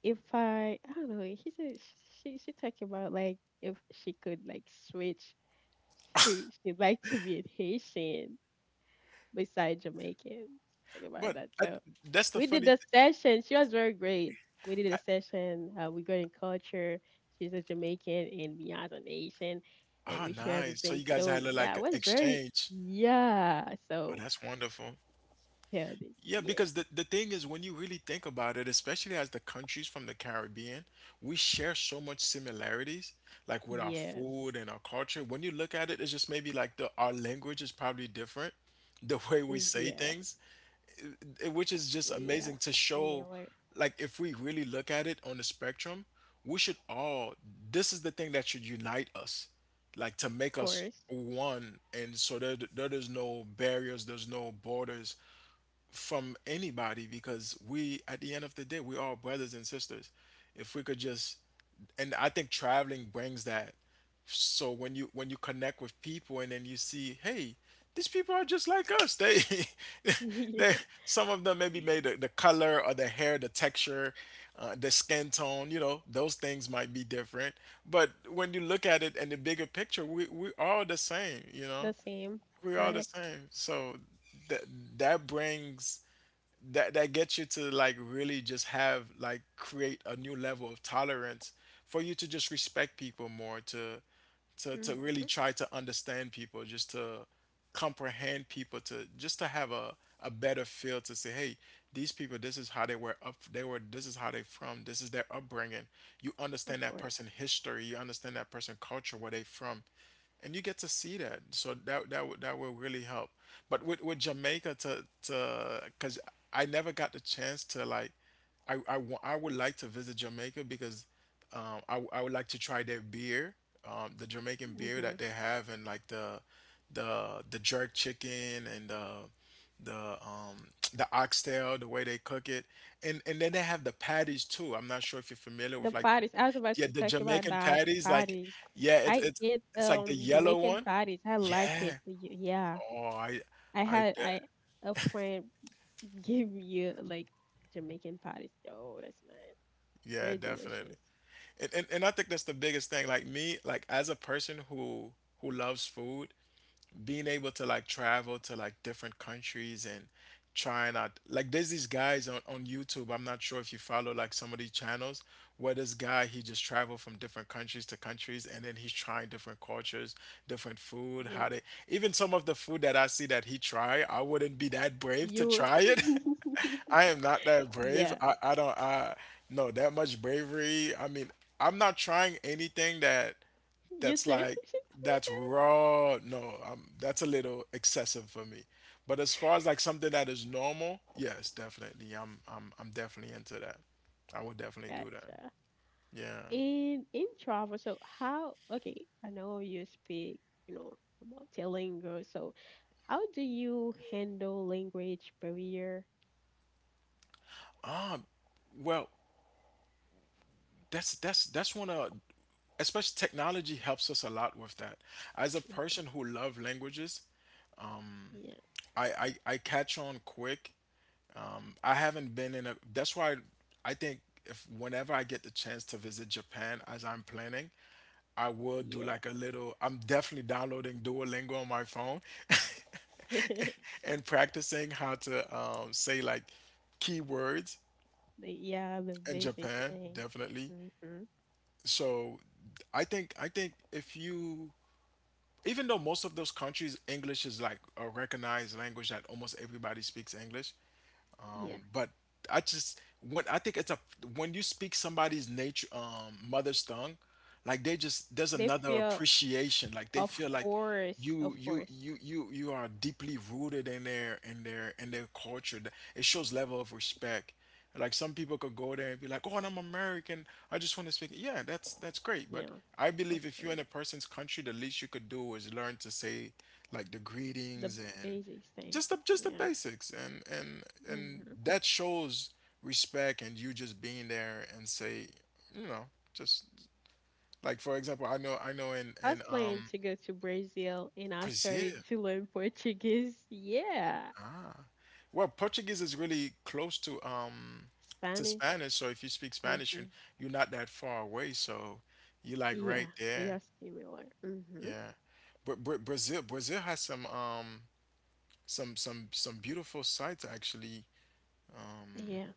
Speaker 1: if I don't know." She said she talked about like if she could like switch, she'd like to be a Haitian beside Jamaicans. Think about
Speaker 2: But
Speaker 1: that.
Speaker 2: I,
Speaker 1: So
Speaker 2: that's the
Speaker 1: we did
Speaker 2: funny
Speaker 1: the session. She was very great. We did a
Speaker 2: thing.
Speaker 1: session. We got in culture. She's a Jamaican and Beyonce an Asian, and
Speaker 2: Ah,
Speaker 1: we share
Speaker 2: nice. So
Speaker 1: everything.
Speaker 2: you guys
Speaker 1: So
Speaker 2: had a,
Speaker 1: yeah,
Speaker 2: like
Speaker 1: it
Speaker 2: an
Speaker 1: was very
Speaker 2: exchange.
Speaker 1: yeah.
Speaker 2: Oh,
Speaker 1: So
Speaker 2: that's wonderful.
Speaker 1: yeah,
Speaker 2: Yeah,
Speaker 1: yeah,
Speaker 2: because the thing is, when you really think about it, especially as the countries from the Caribbean, we share so much similarities, like with our
Speaker 1: yes,
Speaker 2: food and our culture. When you look at it, it's just maybe like the our language is probably different, (laughs) the way we
Speaker 1: Mm,
Speaker 2: say
Speaker 1: yeah,
Speaker 2: things, it- which is just
Speaker 1: yeah,
Speaker 2: amazing to show
Speaker 1: similar, of
Speaker 2: like if we really look at it on the spectrum we should all, this is the thing that should unite us, like to make us
Speaker 1: course.
Speaker 2: one, and so there is no barriers, there's no borders from anybody, because we at the end of the day we are brothers and sisters, if we could just, and I think traveling brings that. So when you connect with people and then you see, hey, these people are just like us. They (laughs)
Speaker 1: (laughs) the
Speaker 2: they, some of them maybe made the color or the hair, the texture, the skin tone, you know, those things might be different. But when you look at it in the bigger picture, we all the same, you know.
Speaker 1: same,
Speaker 2: We're all the
Speaker 1: correct?
Speaker 2: same. So that that brings that that gets you to like really just have like create a new level of tolerance for you to just respect people more to
Speaker 1: Hmm.
Speaker 2: really try to understand people, just to comprehend people, to just to have a better feel to say hey, these people, this is how they were up, they were, this is how they from, this is their upbringing, you understand
Speaker 1: Of
Speaker 2: that
Speaker 1: course.
Speaker 2: person history, you understand that person culture where they from, and you get to see that. So that will really help. But with Jamaica, to because I never got the chance to like, I would like to visit Jamaica because I would like to try their beer, the Jamaican beer
Speaker 1: Hmm.
Speaker 2: that they have, and like the the jerk chicken and the (tsk) the oxtail the way they cook it, and then they have the patties too. I'm not sure if you're familiar
Speaker 1: The
Speaker 2: with like,
Speaker 1: patties. I was about
Speaker 2: yeah,
Speaker 1: to
Speaker 2: the
Speaker 1: talk about
Speaker 2: Jamaican
Speaker 1: that. The
Speaker 2: patties, like
Speaker 1: patties.
Speaker 2: yeah, it's
Speaker 1: I eat
Speaker 2: it's like the yellow
Speaker 1: Jamaican
Speaker 2: one,
Speaker 1: patties. I like it.
Speaker 2: yeah.
Speaker 1: Yeah,
Speaker 2: Oh,
Speaker 1: I
Speaker 2: I, de-
Speaker 1: had I a friend (laughs) gave me like Jamaican patties. Oh, that's nice.
Speaker 2: yeah,
Speaker 1: Very
Speaker 2: definitely.
Speaker 1: delicious.
Speaker 2: And, and I think that's the biggest thing. Like me, like as a person who loves food, being able to like travel to like different countries and trying out, like there's these guys on YouTube. I'm not sure if you follow like some of these channels where this guy he just traveled from different countries to countries, and then he's trying different cultures, different food, how
Speaker 1: Yeah.
Speaker 2: they, even some of the food that I see that he try, I wouldn't be that brave to
Speaker 1: You.
Speaker 2: try it. (laughs)
Speaker 1: (laughs)
Speaker 2: I am not that brave.
Speaker 1: yeah.
Speaker 2: I don't, I no that much bravery. I mean, I'm not trying anything
Speaker 1: You
Speaker 2: that's
Speaker 1: too.
Speaker 2: like
Speaker 1: (laughs)
Speaker 2: that's raw. No, That's a little excessive for me. But as far as like something that is normal, yes, definitely. I'm definitely into that. I would definitely do that.
Speaker 1: gotcha.
Speaker 2: Yeah.
Speaker 1: In travel, so how? Okay, I know you speak. You know about the. So, how do you handle language barrier?
Speaker 2: Well, that's one of especially technology helps us a lot with that. As a person who love languages,
Speaker 1: Yeah,
Speaker 2: I catch on quick. I haven't been in a. That's why I think if whenever I get the chance to visit Japan as I'm planning, I will do
Speaker 1: yeah.
Speaker 2: like a little. I'm definitely downloading Duolingo on my phone
Speaker 1: (laughs)
Speaker 2: (laughs) and practicing how to say like keywords
Speaker 1: Yeah, the
Speaker 2: in
Speaker 1: basic
Speaker 2: Japan.
Speaker 1: thing.
Speaker 2: Definitely.
Speaker 1: Mm-hmm.
Speaker 2: So I think if you even though most of those countries English is like a recognized language that almost everybody speaks English.
Speaker 1: Yeah.
Speaker 2: But I just when I think it's a when you speak somebody's nature mother's tongue, like they just there's
Speaker 1: They
Speaker 2: another
Speaker 1: feel,
Speaker 2: appreciation. Like they
Speaker 1: of
Speaker 2: feel like
Speaker 1: course, of
Speaker 2: you you
Speaker 1: course.
Speaker 2: you you you are deeply rooted in their culture. It shows level of respect. Like some people could go there and be like, "Oh, and I'm American. I just want to speak." Yeah, that's great, but
Speaker 1: Yeah,
Speaker 2: I
Speaker 1: of
Speaker 2: believe if you're
Speaker 1: course.
Speaker 2: in a person's country, the least you could do is learn to say like the
Speaker 1: The
Speaker 2: greetings and
Speaker 1: basic thing.
Speaker 2: just the
Speaker 1: Yeah.
Speaker 2: basics and
Speaker 1: Mm-hmm.
Speaker 2: that shows respect, and you just being there and say you know just like for example I know in
Speaker 1: I was planning to go to Brazil and I started
Speaker 2: Brazil.
Speaker 1: to learn (laughs) Portuguese. Yeah.
Speaker 2: Well, Portuguese is really close to
Speaker 1: Spanish.
Speaker 2: Spanish, so if you speak Spanish
Speaker 1: Mm-hmm.
Speaker 2: you're not that far away, so you're like right
Speaker 1: Yeah, they
Speaker 2: there.
Speaker 1: are similar. Mm-hmm.
Speaker 2: Yeah, but Brazil has some some beautiful sights actually.
Speaker 1: Yeah.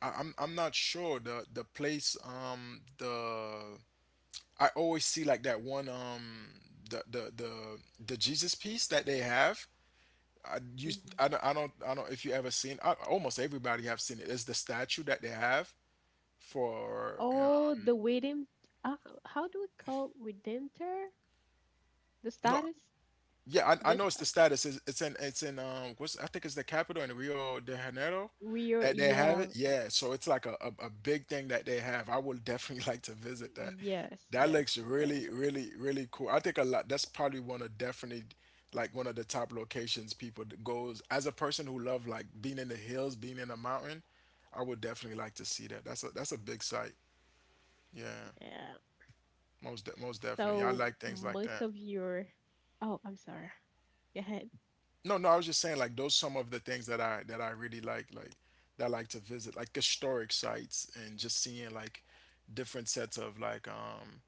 Speaker 2: I'm not sure the place, the I always see like that one, the the the the Jesus piece that they have. I you
Speaker 1: Mm-hmm.
Speaker 2: I don't I don't I don't if you ever seen. I, almost everybody have seen it. It's the statue that they have for
Speaker 1: Oh, the redeem. Uh, how do we call redemptor? The
Speaker 2: no.
Speaker 1: status?
Speaker 2: Yeah, I
Speaker 1: This.
Speaker 2: know it's the status. It's in what's I think it's the capital in Rio de Janeiro
Speaker 1: We are,
Speaker 2: that they have
Speaker 1: yeah,
Speaker 2: it. Yeah, so it's like a big thing that they have. I would definitely (laughs) like to visit that.
Speaker 1: yes,
Speaker 2: That
Speaker 1: yes,
Speaker 2: looks
Speaker 1: gotcha.
Speaker 2: really, really, really cool. I think a lot that's probably one of definitely like one of the top locations people goes, as a person who love like being in the hills, being in a mountain. I would definitely like to see that. That's a big site. Yeah,
Speaker 1: Yeah.
Speaker 2: most de most definitely. I
Speaker 1: So
Speaker 2: like things like
Speaker 1: most
Speaker 2: that.
Speaker 1: of your, oh, I'm sorry. Go ahead.
Speaker 2: No, no, I was just saying like those some of the things that I really like that I like to visit, like historic sites and just seeing like different sets of um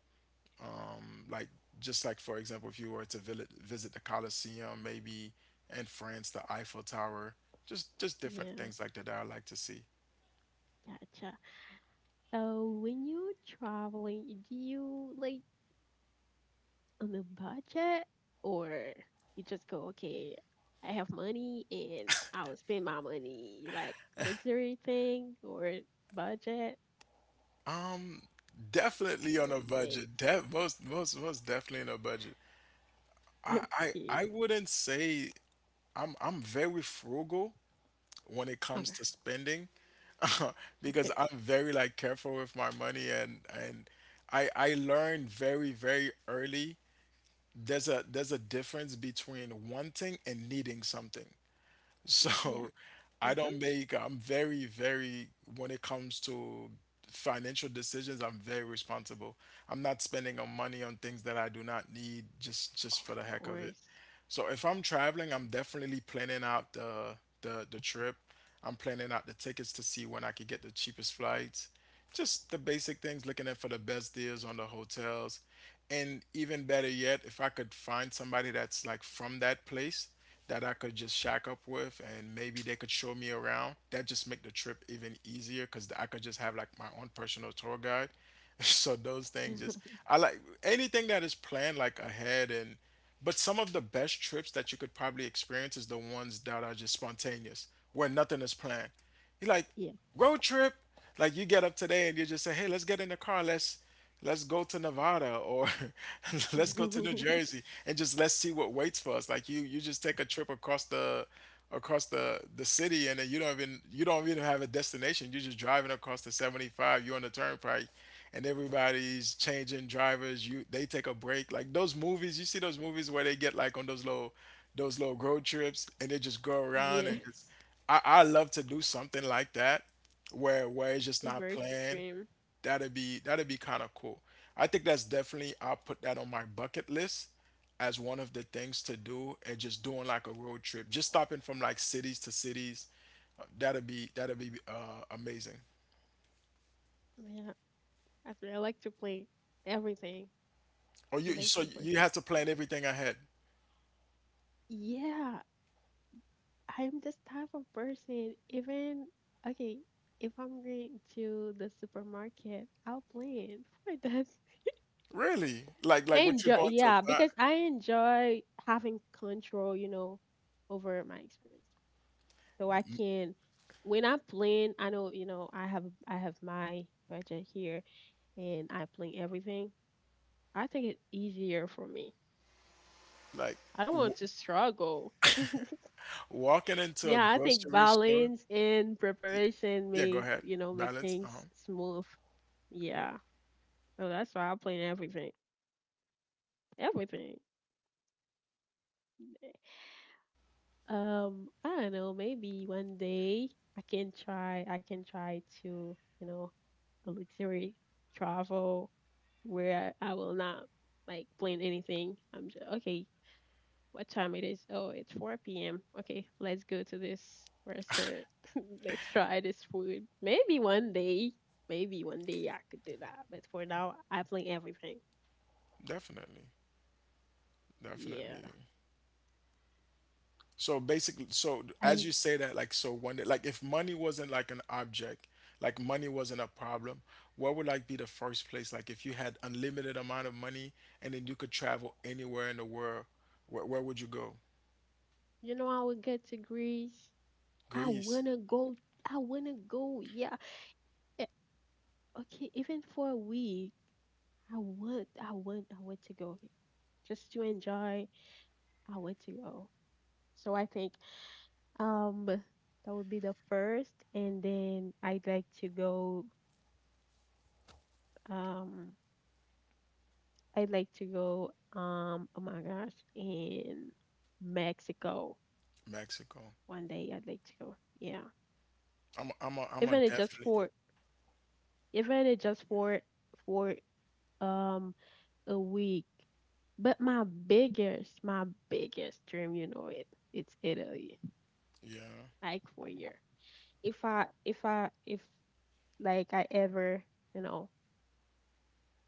Speaker 2: um, like just like for example if you were to visit the Colosseum, maybe in France the Eiffel Tower, just different
Speaker 1: Yeah,
Speaker 2: things like that that I like to see.
Speaker 1: gotcha. So when you're traveling, do you like on a budget or you just go, okay, I have money and I will spend my money, you like luxury thing or budget
Speaker 2: Definitely
Speaker 1: or
Speaker 2: on a
Speaker 1: mix?
Speaker 2: budget. Def Most most most definitely on a budget. I I
Speaker 1: Okay.
Speaker 2: I wouldn't say I'm very frugal when it comes
Speaker 1: Okay.
Speaker 2: to spending (laughs) because
Speaker 1: Okay.
Speaker 2: I'm very like careful with my money, and I learned very very early there's a difference between wanting and needing something.
Speaker 1: Yeah.
Speaker 2: So I
Speaker 1: Mm-hmm.
Speaker 2: don't make, I'm very, very, when it comes to financial decisions, I'm very responsible. I'm not spending on money on things that I do not need, just for the
Speaker 1: Of
Speaker 2: heck of it.
Speaker 1: course.
Speaker 2: So if I'm traveling, I'm definitely planning out the trip. I'm planning out the tickets to see when I could get the cheapest flights. Just the basic things, looking at for the best deals on the hotels. And even better yet, if I could find somebody that's like from that place that I could just shack up with and maybe they could show me around, that just make the trip even easier because I could just have like my own personal tour guide. (laughs) So those things just
Speaker 1: (laughs)
Speaker 2: I like anything that is planned like ahead, and but some of the best trips that you could probably experience is the ones that are just spontaneous, where nothing is planned. You're like,
Speaker 1: Yeah.
Speaker 2: road trip, like you get up today and you just say, hey, let's get in the car, let's go to Nevada, or (laughs) let's go to New
Speaker 1: (laughs)
Speaker 2: Jersey and just let's see what waits for us. Like you just take a trip across the city, and then you don't even have a destination, you're just driving across the 75, you're on the turnpike and everybody's changing drivers. You they take a break, like those movies, you see those movies where they get like on those little road trips and they just go around
Speaker 1: yeah.
Speaker 2: and just I love to do something like that, where it's just
Speaker 1: It's very
Speaker 2: not planned.
Speaker 1: extreme.
Speaker 2: That'd be kind of cool. I think that's definitely I'll put that on my bucket list as one of the things to do, and just doing like a road trip, just stopping from like cities to cities. That'd be amazing.
Speaker 1: Yeah. As well, I like to play everything,
Speaker 2: Or
Speaker 1: even
Speaker 2: so
Speaker 1: simple
Speaker 2: you have
Speaker 1: things.
Speaker 2: to
Speaker 1: Like,
Speaker 2: plan everything ahead.
Speaker 1: yeah, I'm this type of person. Even, okay, if I'm going to the supermarket, I'll play it for that. (laughs)
Speaker 2: Really?
Speaker 1: I
Speaker 2: Like what you're
Speaker 1: enjoy,
Speaker 2: going to
Speaker 1: yeah,
Speaker 2: buy?
Speaker 1: because I enjoy having control, over my experience. So I can, when I'm playing, I know, I have my budget here. And I plan everything, I think it's easier for me.
Speaker 2: Like
Speaker 1: I don't
Speaker 2: w
Speaker 1: want to struggle.
Speaker 2: walking
Speaker 1: (laughs)
Speaker 2: into a
Speaker 1: yeah, I think
Speaker 2: grocery store?
Speaker 1: balance and preparation
Speaker 2: Yeah, go
Speaker 1: make
Speaker 2: ahead.
Speaker 1: you know make
Speaker 2: Balance. Uh-huh.
Speaker 1: things smooth. Yeah, so that's why I plan
Speaker 2: Yeah, go
Speaker 1: everything.
Speaker 2: ahead. I interrupted you. I apologize.
Speaker 1: Everything. I don't know. Maybe one day I can try. I can try to a luxury travel where I will not like plan anything. I'm just okay. What time it is? Oh, it's 4 p.m. Okay, let's go to this restaurant. (laughs) let's try this food. Maybe one day I could do that. But for now, I plan everything.
Speaker 2: Definitely.
Speaker 1: Yeah.
Speaker 2: Definitely. So basically, so as
Speaker 1: And
Speaker 2: you say that, like, so one day, like, if money wasn't like an object, like money wasn't a problem, what would like be the first place? Like, if you had unlimited amount of money and then you could travel anywhere in the world, where would you go?
Speaker 1: I would get to Greece. I
Speaker 2: Greece,
Speaker 1: wanna go. I wanna go. Yeah. Eh, okay, even for a week, I want to go here just to enjoy. I want to go. So I think, that would be the first, and then I'd like to go. Um, I'd like to go. Oh my gosh, in Mexico
Speaker 2: Mexico.
Speaker 1: one day. I'd like to go. Yeah,
Speaker 2: I'm a
Speaker 1: even it just
Speaker 2: definitely,
Speaker 1: for even it just for for um a week. But my biggest dream, it's Italy.
Speaker 2: yeah.
Speaker 1: Like for a year. If like I ever, you know,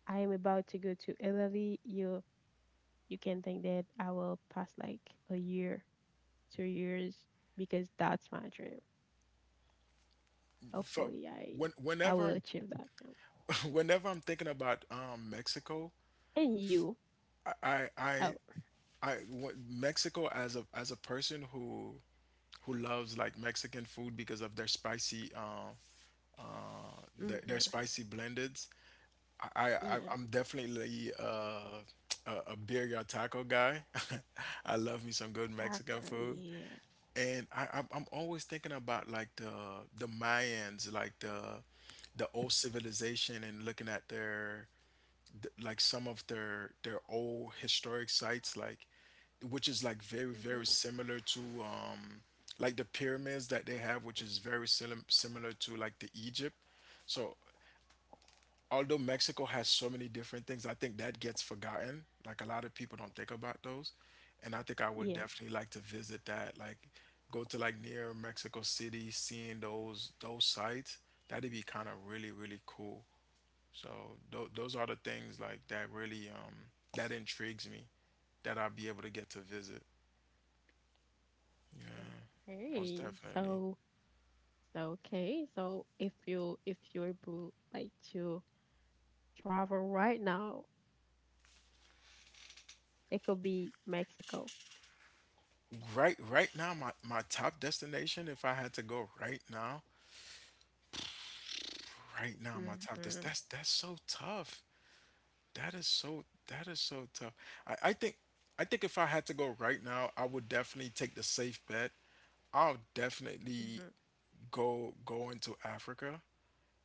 Speaker 1: I am about to go to Italy, you can think that I will pass like a year, 2 years, because that's my dream.
Speaker 2: For
Speaker 1: Hopefully, I
Speaker 2: when,
Speaker 1: I
Speaker 2: whenever,
Speaker 1: will achieve that. Yeah.
Speaker 2: (laughs) whenever I'm thinking about Mexico,
Speaker 1: And you?
Speaker 2: I, I, I
Speaker 1: Oh,
Speaker 2: I what, Mexico as a person who loves like Mexican food because of
Speaker 1: mm-hmm.
Speaker 2: their spicy blendeds. I, I
Speaker 1: Yeah,
Speaker 2: I'm definitely (tsk) a birria taco guy. (laughs) I love me some good Mexican
Speaker 1: Chakra,
Speaker 2: food,
Speaker 1: yeah,
Speaker 2: and I'm always thinking about like the Mayans, like the old civilization, and looking at their like some of their old historic sites, like which is like very very
Speaker 1: mm-hmm.
Speaker 2: similar to like the pyramids that they have, which is very similar to like the Egypt. So although Mexico has so many different things, I think that gets forgotten, like a lot of people don't think about those, and I think I would
Speaker 1: Yeah.
Speaker 2: definitely like to visit that, like go to like near Mexico City, seeing those sites. That'd be kind of really really cool. So those are the things like that really that intrigues me, that I'll be able to get to visit. Most
Speaker 1: Okay,
Speaker 2: definitely.
Speaker 1: so okay, so if you're able like to travel right now, it could be Mexico.
Speaker 2: Right now my my top destination if I had to go right now, right now my top this,
Speaker 1: Mm-hmm.
Speaker 2: that's so tough. That is so tough. I I think I think if I had to go right now, I would definitely take the safe bet. I'll
Speaker 1: Mm-hmm.
Speaker 2: definitely go into Africa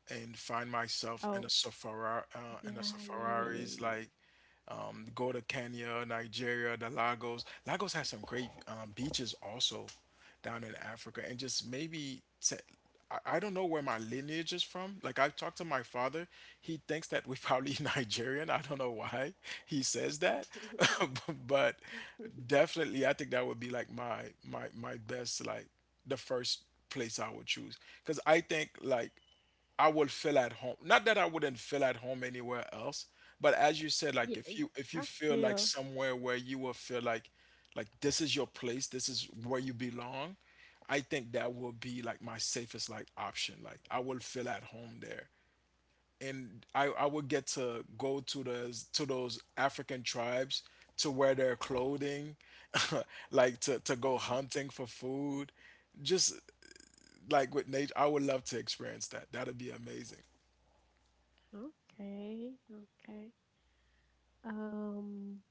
Speaker 2: and find myself in
Speaker 1: Oh,
Speaker 2: a safari, in a
Speaker 1: yeah, yeah, yeah, yeah,
Speaker 2: safaris
Speaker 1: yeah.
Speaker 2: like go to Kenya, Nigeria, the Lagos. Lagos has some great beaches also down in Africa, and just maybe I don't know where my lineage is from. Like I've talked to my father, he thinks that we're probably (laughs) Nigerian. I don't know why he says that, (laughs)
Speaker 1: (laughs)
Speaker 2: but definitely I think that would be like my my best like the first place I would choose because I think like I will feel at home. Not that I wouldn't feel at home anywhere else, but as you said,
Speaker 1: Yeah,
Speaker 2: like if
Speaker 1: I
Speaker 2: you feel like
Speaker 1: feel
Speaker 2: somewhere where you will feel like this is your place, this is where you belong, I think that will be like my safest like option. Like I will feel at home there. And I would get to go to those African tribes to wear their clothing, (laughs) like to go hunting for food. Just Like with nature, I would love to experience that. That'd be amazing.
Speaker 1: okay, okay. Um,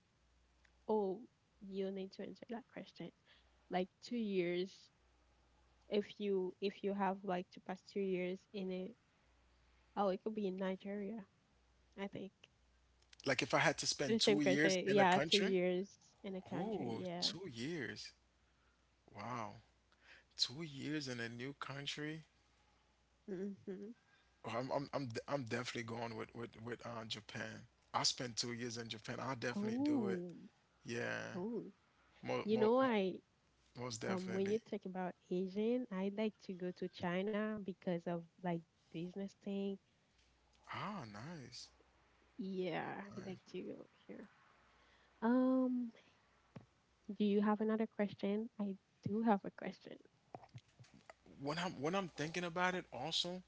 Speaker 1: oh, you need to answer that question. Like 2 years, if you have like to pass 2 years in a, oh, it could be in Nigeria, I think.
Speaker 2: Like if I had to spend
Speaker 1: The
Speaker 2: two
Speaker 1: same
Speaker 2: years
Speaker 1: question,
Speaker 2: in a
Speaker 1: yeah, two
Speaker 2: country?
Speaker 1: years in a country,
Speaker 2: Ooh,
Speaker 1: yeah.
Speaker 2: 2 years. Wow. 2 years in a new country?
Speaker 1: Mm-hmm.
Speaker 2: Oh, I'm definitely going with Japan. I spent 2 years in Japan. I'll definitely do it.
Speaker 1: Oh,
Speaker 2: Yeah.
Speaker 1: oh.
Speaker 2: Mo
Speaker 1: You
Speaker 2: mo
Speaker 1: know,
Speaker 2: mo
Speaker 1: I
Speaker 2: Most
Speaker 1: When
Speaker 2: definitely.
Speaker 1: you talk about Asian, I like to go to China because of like business thing.
Speaker 2: Ah, nice.
Speaker 1: Yeah, I'd like to go here. Um, do you have another question? I do have a question.
Speaker 2: When I'm thinking about it also,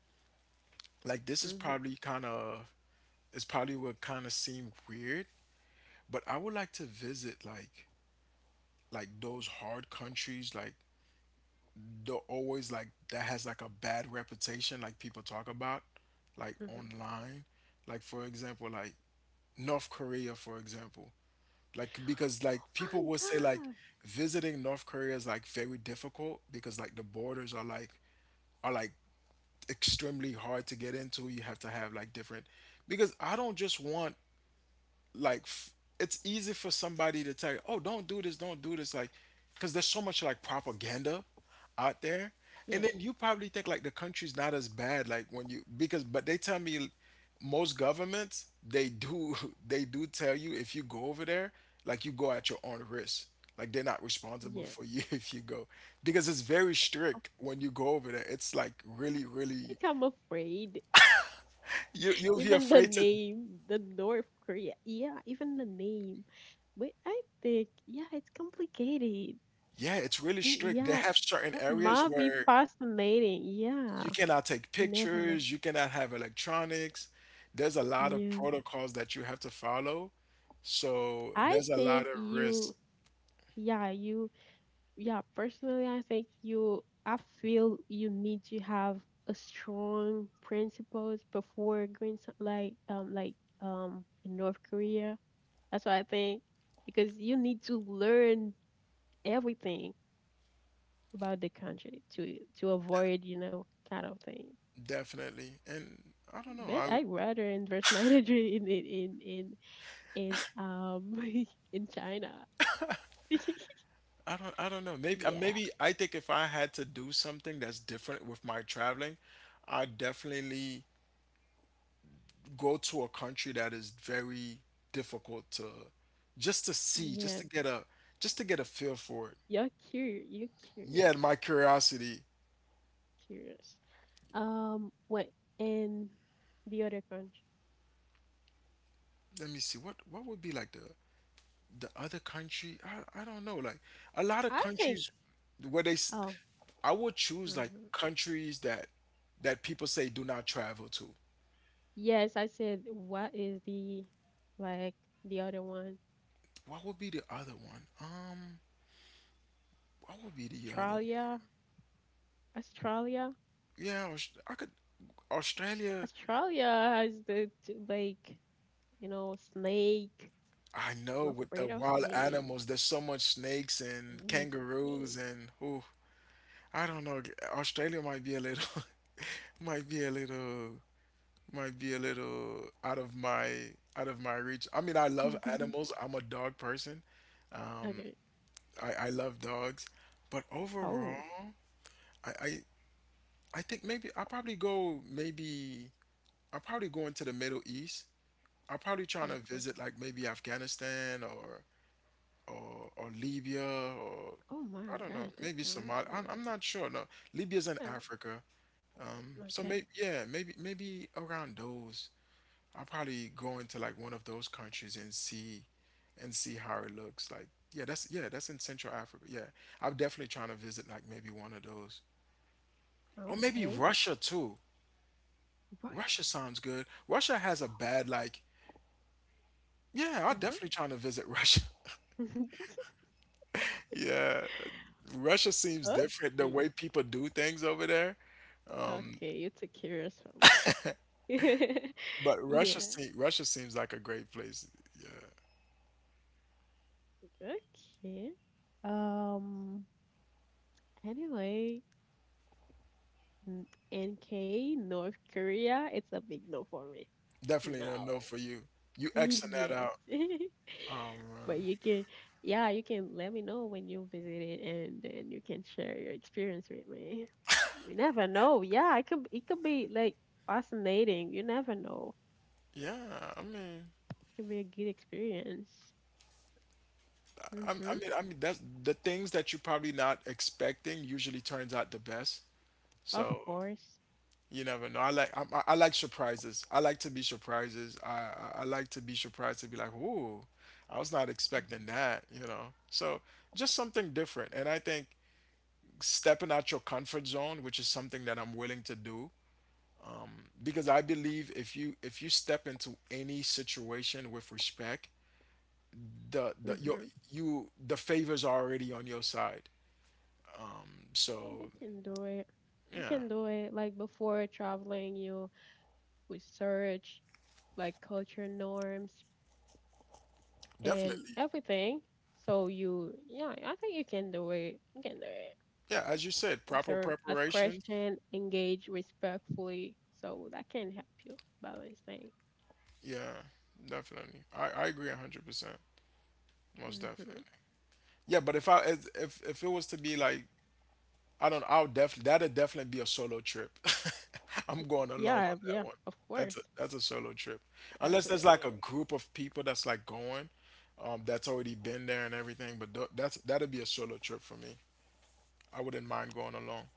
Speaker 2: this is
Speaker 1: Mm-hmm,
Speaker 2: probably kind of it's probably what kind of seem weird, but I would like to visit like those hard countries like they're always like that has like a bad reputation like people talk about like
Speaker 1: mm-hmm.
Speaker 2: online. Like for example, like North Korea, for example, like because like people
Speaker 1: Oh my
Speaker 2: will say like
Speaker 1: gosh.
Speaker 2: visiting North Korea is like very difficult because like the borders are like are like extremely hard to get into. You have to have like different, because I don't just want, like f- it's easy for somebody to tell you, "Oh, don't do this," like because there's so much like propaganda out there,
Speaker 1: Yeah,
Speaker 2: and then you probably think like the country's not as bad like when you, because but they tell me most governments, they do (laughs) they do tell you if you go over there, like you go at your own risk, like they're not responsible
Speaker 1: yeah.
Speaker 2: for you (laughs) if you go, because it's very strict when you go over there. It's like really
Speaker 1: I
Speaker 2: really
Speaker 1: think I'm afraid.
Speaker 2: you
Speaker 1: (laughs)
Speaker 2: you'll be
Speaker 1: Even the
Speaker 2: afraid to.
Speaker 1: name, the North Korea. Yeah, even the name. But I think, yeah, it's complicated.
Speaker 2: Yeah, it's really strict. They
Speaker 1: Yeah,
Speaker 2: have certain
Speaker 1: it
Speaker 2: areas
Speaker 1: might be
Speaker 2: where
Speaker 1: fascinating. Yeah,
Speaker 2: you cannot take
Speaker 1: you never know.
Speaker 2: pictures, you cannot have electronics. There's a lot of
Speaker 1: Yeah.
Speaker 2: protocols that you have to follow. So
Speaker 1: I
Speaker 2: there's a lot
Speaker 1: think
Speaker 2: of risk,
Speaker 1: you yeah, personally, I think you, I feel you need to have a strong principles before going to, like in North Korea. That's what I think because you need to learn everything about the country to avoid kind of things.
Speaker 2: definitely. And I don't know.
Speaker 1: But
Speaker 2: I
Speaker 1: I'd rather invest my (laughs) energy in in (laughs) in China. (laughs)
Speaker 2: I don't I don't know. Maybe
Speaker 1: yeah,
Speaker 2: maybe I think if I had to do something that's different with my traveling, I'd definitely go to a country that is very difficult to, just to see, just
Speaker 1: yeah.
Speaker 2: to get a just to get a feel for it.
Speaker 1: You're curious. You're curious.
Speaker 2: Yeah, my curiosity.
Speaker 1: Curious. Wait, in the other country,
Speaker 2: Let me see. What would be like the other country? I don't know. Like a lot of
Speaker 1: I think.
Speaker 2: countries where they, s-
Speaker 1: Oh,
Speaker 2: I would choose like
Speaker 1: mhm.
Speaker 2: countries that people say do not travel to.
Speaker 1: Yes, I said. What is like the other one?
Speaker 2: What would be the other one? What would be the other one?
Speaker 1: Australia, Australia,
Speaker 2: Yeah, Aus- I could, Australia.
Speaker 1: Australia has the snake.
Speaker 2: I know
Speaker 1: I'm
Speaker 2: with the
Speaker 1: afraid of
Speaker 2: wild
Speaker 1: snake.
Speaker 2: animals, there's so much snakes
Speaker 1: I
Speaker 2: and
Speaker 1: don't like
Speaker 2: kangaroos
Speaker 1: snake.
Speaker 2: and ooh, I don't know. Australia might be a little, (laughs) might be a little. Might be a little out of my reach. I mean, I love animals.
Speaker 1: (laughs)
Speaker 2: I'm a dog person.
Speaker 1: Okay.
Speaker 2: I love dogs, but
Speaker 1: Oh.
Speaker 2: overall, I I, I think maybe I'll probably go, maybe I'll probably go into the Middle East. I'll probably try to
Speaker 1: Okay.
Speaker 2: visit like maybe Afghanistan or or Libya or
Speaker 1: Oh
Speaker 2: I
Speaker 1: my
Speaker 2: don't know,
Speaker 1: gosh, this
Speaker 2: maybe Somalia.
Speaker 1: country.
Speaker 2: I'm not sure. No, Libya's in
Speaker 1: Um,
Speaker 2: Africa. So
Speaker 1: okay.
Speaker 2: maybe, yeah, maybe around those. I'll probably go into like one of those countries and see how it looks. Like yeah, that's in Central Africa. Yeah. I'm definitely trying to visit like maybe one of those. Or maybe
Speaker 1: Okay.
Speaker 2: Russia too. Russia
Speaker 1: Right.
Speaker 2: sounds good. Russia has a bad, like yeah, I'll definitely trying to visit Russia. (laughs)
Speaker 1: Mhm. (laughs)
Speaker 2: Yeah, Russia seems different the
Speaker 1: okay.
Speaker 2: way people do things over there,
Speaker 1: Okay, you took curious from me. (laughs)
Speaker 2: but
Speaker 1: yeah.
Speaker 2: Russia seems like a great place.
Speaker 1: Okay. Um. Anyway, n- NK North Korea. It's a big no for me.
Speaker 2: Definitely a
Speaker 1: No.
Speaker 2: no for you. You
Speaker 1: (laughs)
Speaker 2: Xing that
Speaker 1: yes.
Speaker 2: out.
Speaker 1: (laughs)
Speaker 2: Um,
Speaker 1: but you can, yeah, you can let me know when you visit it, and then you can share your experience with me. You never know. Yeah, It could. Be like fascinating. You never know.
Speaker 2: yeah, I mean,
Speaker 1: It could be a good experience. Mm-hmm.
Speaker 2: I mean, that's the things that you're probably not expecting usually turns out the best.
Speaker 1: Of
Speaker 2: So
Speaker 1: course.
Speaker 2: you never know. I like surprises. I like to be surprises. I like to be surprised, to be like, ooh, I was not expecting that. You know. So just something different. And I think stepping out your comfort zone, which is something that I'm willing to do, because I believe if you step into any situation with respect, the your
Speaker 1: Mm-hmm.
Speaker 2: you, the favors are already on your side.
Speaker 1: You
Speaker 2: So
Speaker 1: can do it. You
Speaker 2: yeah,
Speaker 1: can do it. Like before traveling, you research like culture norms and
Speaker 2: definitely.
Speaker 1: everything. So you, yeah, I think you can do it. You can do it.
Speaker 2: Yeah, as you said, proper
Speaker 1: Observe, ask
Speaker 2: preparations.
Speaker 1: question, engage respectfully. So that can help you balance things.
Speaker 2: Yeah, definitely. I agree 100%. Most definitely.
Speaker 1: Mm-hmm.
Speaker 2: Yeah, but if I as- if it was to be like I don't know, I'll definitely that'd definitely be a solo trip. (laughs) I'm going alone on
Speaker 1: Yeah,
Speaker 2: that
Speaker 1: yeah,
Speaker 2: one.
Speaker 1: of course.
Speaker 2: That's a solo trip. Unless there's like a
Speaker 1: Definitely.
Speaker 2: group of people that's like going, that's already been there and everything. But th- that'd be a solo trip for me. I wouldn't mind going alone.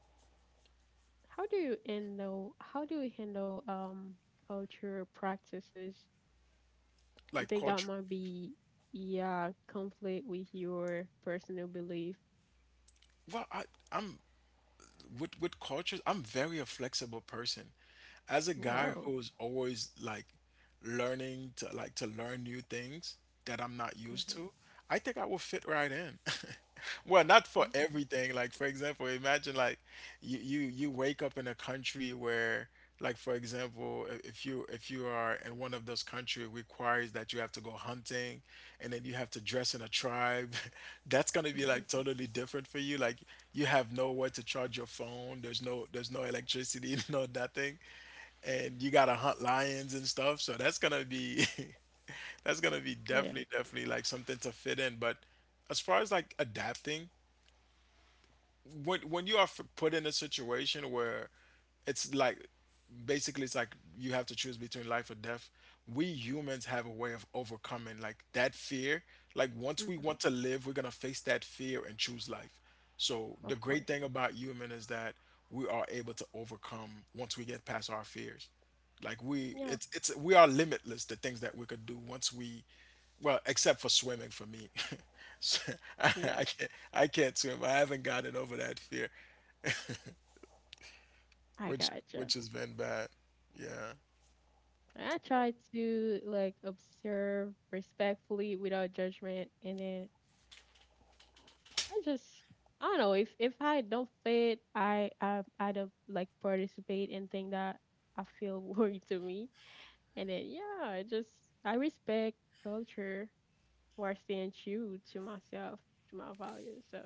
Speaker 1: How do you handle culture practices. You
Speaker 2: Like
Speaker 1: think that
Speaker 2: culture.
Speaker 1: might be, yeah, conflict with your personal belief?
Speaker 2: Well, I'm with cultures, I'm very a flexible person. As a guy
Speaker 1: Wow.
Speaker 2: who's always like learning to like to learn new things that I'm not used to, I think I will fit right in. (laughs) Well, not for
Speaker 1: Hmm.
Speaker 2: everything. Like for example, imagine like you wake up in a country where like for example, I- if you are in one of those countries requires that you have to go hunting, and then you have to dress in a tribe. (laughs) That's gonna be like totally different for you. Like you have nowhere to charge your phone. There's no electricity, (laughs) no nothing. And you gotta hunt lions and stuff. So that's gonna be (laughs) that's gonna be
Speaker 1: (laughs) Yeah.
Speaker 2: definitely like something to fit in. But as far as like adapting, when you are f- put in a situation where it's like basically it's like you have to choose between life or death, we humans have a way of overcoming like that fear. Like once we
Speaker 1: Hmm.
Speaker 2: want to live, we're going to face that fear and choose life. So the
Speaker 1: Of
Speaker 2: great
Speaker 1: course.
Speaker 2: thing about human is that we are able to overcome once we get past our fears. Like
Speaker 1: Yeah.
Speaker 2: it's we are limitless. The things that we could do once we, well, except for swimming for me, (laughs) so, I,
Speaker 1: Yeah.
Speaker 2: I can't swim. I haven't gotten over that fear,
Speaker 1: I
Speaker 2: which
Speaker 1: gotcha.
Speaker 2: has been bad. Yeah,
Speaker 1: I try to like observe respectfully without judgment, and then I just I don't know if I don't fit, I don't like participate in things that I feel (laughs) worry to me, and then yeah, I respect culture while staying true to myself, to my values. So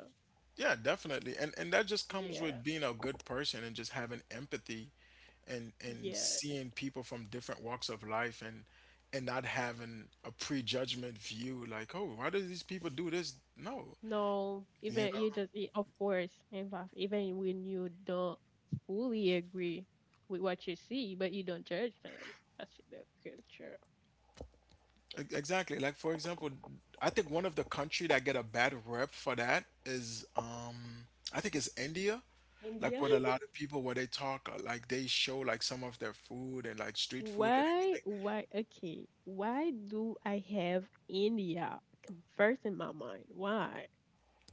Speaker 2: yeah, definitely. And that just comes
Speaker 1: yeah,
Speaker 2: with being a good person and just having empathy, and
Speaker 1: yeah.
Speaker 2: seeing people from different walks of life and not having a prejudgment view like, oh, why do these people do this? No,
Speaker 1: No,
Speaker 2: you know.
Speaker 1: even you just of course, in fact, even when you don't fully agree with what you see, but you don't judge them. That's the culture.
Speaker 2: E- Exactly. Like for example, I think one of the country that get a bad rep for that is I think it's India. Like
Speaker 1: India.
Speaker 2: what a lot of people where they talk like they show like some of their food and like
Speaker 1: (laughs)
Speaker 2: street food and
Speaker 1: why?
Speaker 2: everything.
Speaker 1: Why? Okay. Why do I have India come first in my mind? Why?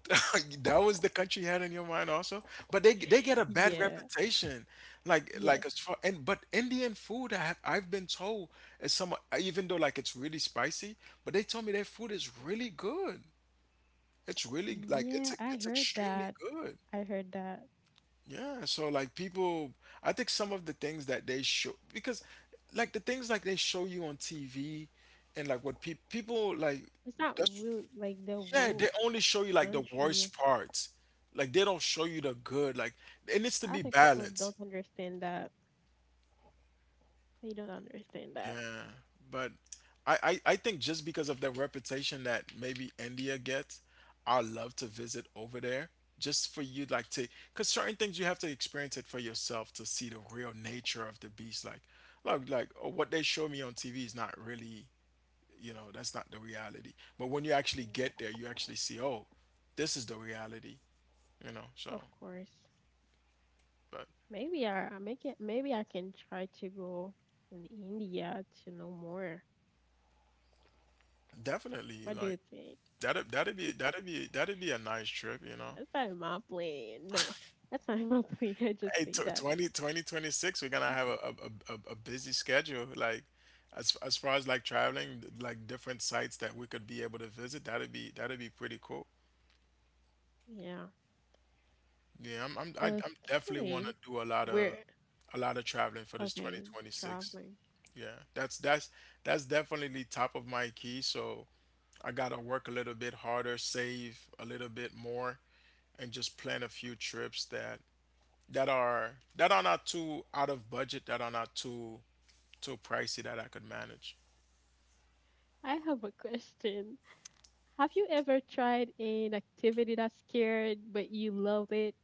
Speaker 2: (laughs) That was the country you had in your mind also. But they get a bad
Speaker 1: Yeah.
Speaker 2: reputation. Like
Speaker 1: Yes.
Speaker 2: as far, and but Indian food, I've been told is some, even though like it's really spicy, but they told me their food is really good. It's really like
Speaker 1: Yeah, I
Speaker 2: it's
Speaker 1: heard
Speaker 2: extremely
Speaker 1: that.
Speaker 2: good.
Speaker 1: I heard that.
Speaker 2: Yeah, so like people, I think some of the things that they show, because like the things like they show you on TV and like what people like
Speaker 1: It's not
Speaker 2: that's
Speaker 1: real like the
Speaker 2: yeah,
Speaker 1: woke
Speaker 2: they only show you like the
Speaker 1: country.
Speaker 2: worst parts. Like they don't show you the good. Like it needs to
Speaker 1: I
Speaker 2: be
Speaker 1: think people
Speaker 2: balanced.
Speaker 1: don't understand that. They don't understand that.
Speaker 2: Yeah, but I think just because of the reputation that maybe India gets, I love to visit over there just for you like to, because certain things you have to experience it for yourself to see the real nature of the beast. Like oh, what they show me on TV is not really, you know, that's not the reality. But when you actually get
Speaker 1: Mm.
Speaker 2: there, you actually see, oh, this is the reality, you know. So,
Speaker 1: Of course.
Speaker 2: but
Speaker 1: Maybe I make it maybe I can try to go in India to know more.
Speaker 2: definitely
Speaker 1: What do you
Speaker 2: like
Speaker 1: think?
Speaker 2: that'd be a nice trip, you know.
Speaker 1: That's not my plan. No. That's not my plan. (laughs) I just
Speaker 2: Hey,
Speaker 1: say
Speaker 2: tw
Speaker 1: that.
Speaker 2: 20, 2026, we're gonna have a, a busy schedule. Like, as far as like traveling, like different sites that we could be able to visit, that'd be pretty cool.
Speaker 1: Yeah.
Speaker 2: Yeah, I'm definitely want
Speaker 1: Okay.
Speaker 2: to do
Speaker 1: We're
Speaker 2: a lot of traveling for this
Speaker 1: okay,
Speaker 2: 2026.
Speaker 1: traveling.
Speaker 2: Yeah, that's definitely top of my key. So I gotta work a little bit harder, save a little bit more, and just plan a few trips that are not too out of budget, that are not too pricey that I could manage.
Speaker 1: I have a question. Have you ever tried an activity that scared but you loved it?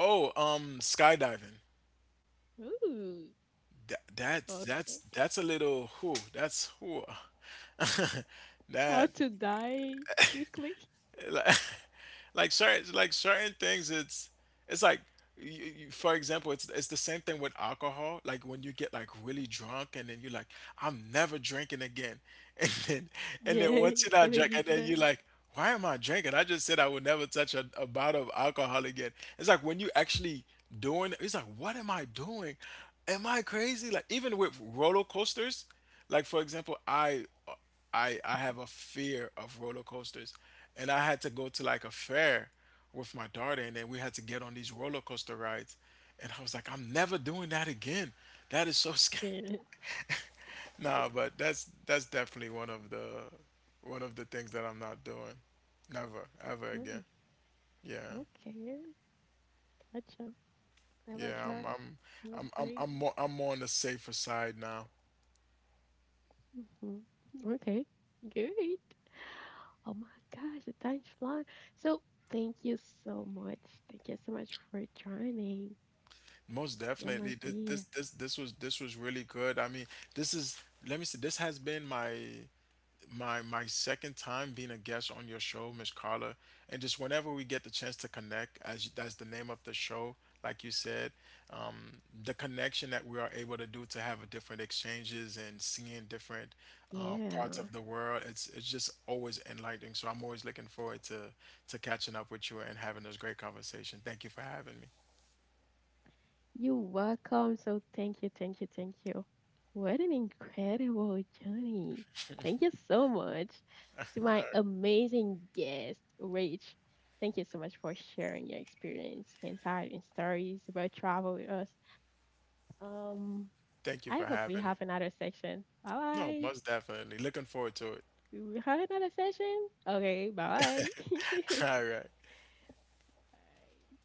Speaker 2: Oh, skydiving.
Speaker 1: Ooh, okay.
Speaker 2: That's a little who that's who (laughs)
Speaker 1: How
Speaker 2: that
Speaker 1: to die quickly?
Speaker 2: like, (laughs) like certain things it's like for example it's the same thing with alcohol, like when you get like really drunk and then you're like, I'm never drinking again, (laughs) and then
Speaker 1: (laughs)
Speaker 2: once
Speaker 1: Yay,
Speaker 2: you're
Speaker 1: and
Speaker 2: not
Speaker 1: then
Speaker 2: drinking,
Speaker 1: you
Speaker 2: and then
Speaker 1: try.
Speaker 2: you're like, why am I drinking? I just said I would never touch a bottle of alcohol again. It's like when you actually doing, it's like what am I doing, am I crazy? Like even with roller coasters, like for example, I have a fear of roller coasters, and I had to go to like a fair with my daughter, and then we had to get on these roller coaster rides, and I was like, I'm never doing that again. That is so (laughs) scary.
Speaker 1: Yeah.
Speaker 2: Nah, but that's definitely one of the things that I'm not doing. Never, ever again.
Speaker 1: Mm,
Speaker 2: Yeah.
Speaker 1: okay, gotcha.
Speaker 2: Yeah,
Speaker 1: Avatar, no pray.
Speaker 2: I'm more on the safer side now.
Speaker 1: Hmm. Okay, good. Oh my gosh, the time's flying. So thank you so much. Thank you so much for joining.
Speaker 2: Most
Speaker 1: You're
Speaker 2: definitely.
Speaker 1: my dear.
Speaker 2: This was really good. I mean, this is, let me see, this has been my my second time being a guest on your show, Miss Carla, and just whenever we get the chance to connect, as that's the name of the show, like you said, the connection that we are able to do, to have a different exchanges and seeing different parts
Speaker 1: Yeah.
Speaker 2: of the world, it's just always enlightening. So I'm always looking forward to catching up with you and having this great conversation. Thank you for having me.
Speaker 1: You're welcome. So thank you, thank you, thank you. What an incredible journey. Thank you so much to my amazing guest, Rach. Thank you so much for sharing your experience, insight, and stories about travel with us. Um,
Speaker 2: Thank you
Speaker 1: I
Speaker 2: for
Speaker 1: hope we
Speaker 2: having me.
Speaker 1: have another section. Bye
Speaker 2: No,
Speaker 1: bye.
Speaker 2: most definitely. Looking forward to it.
Speaker 1: Do We have another session. Okay, bye bye.
Speaker 2: (laughs) All right.
Speaker 1: (laughs)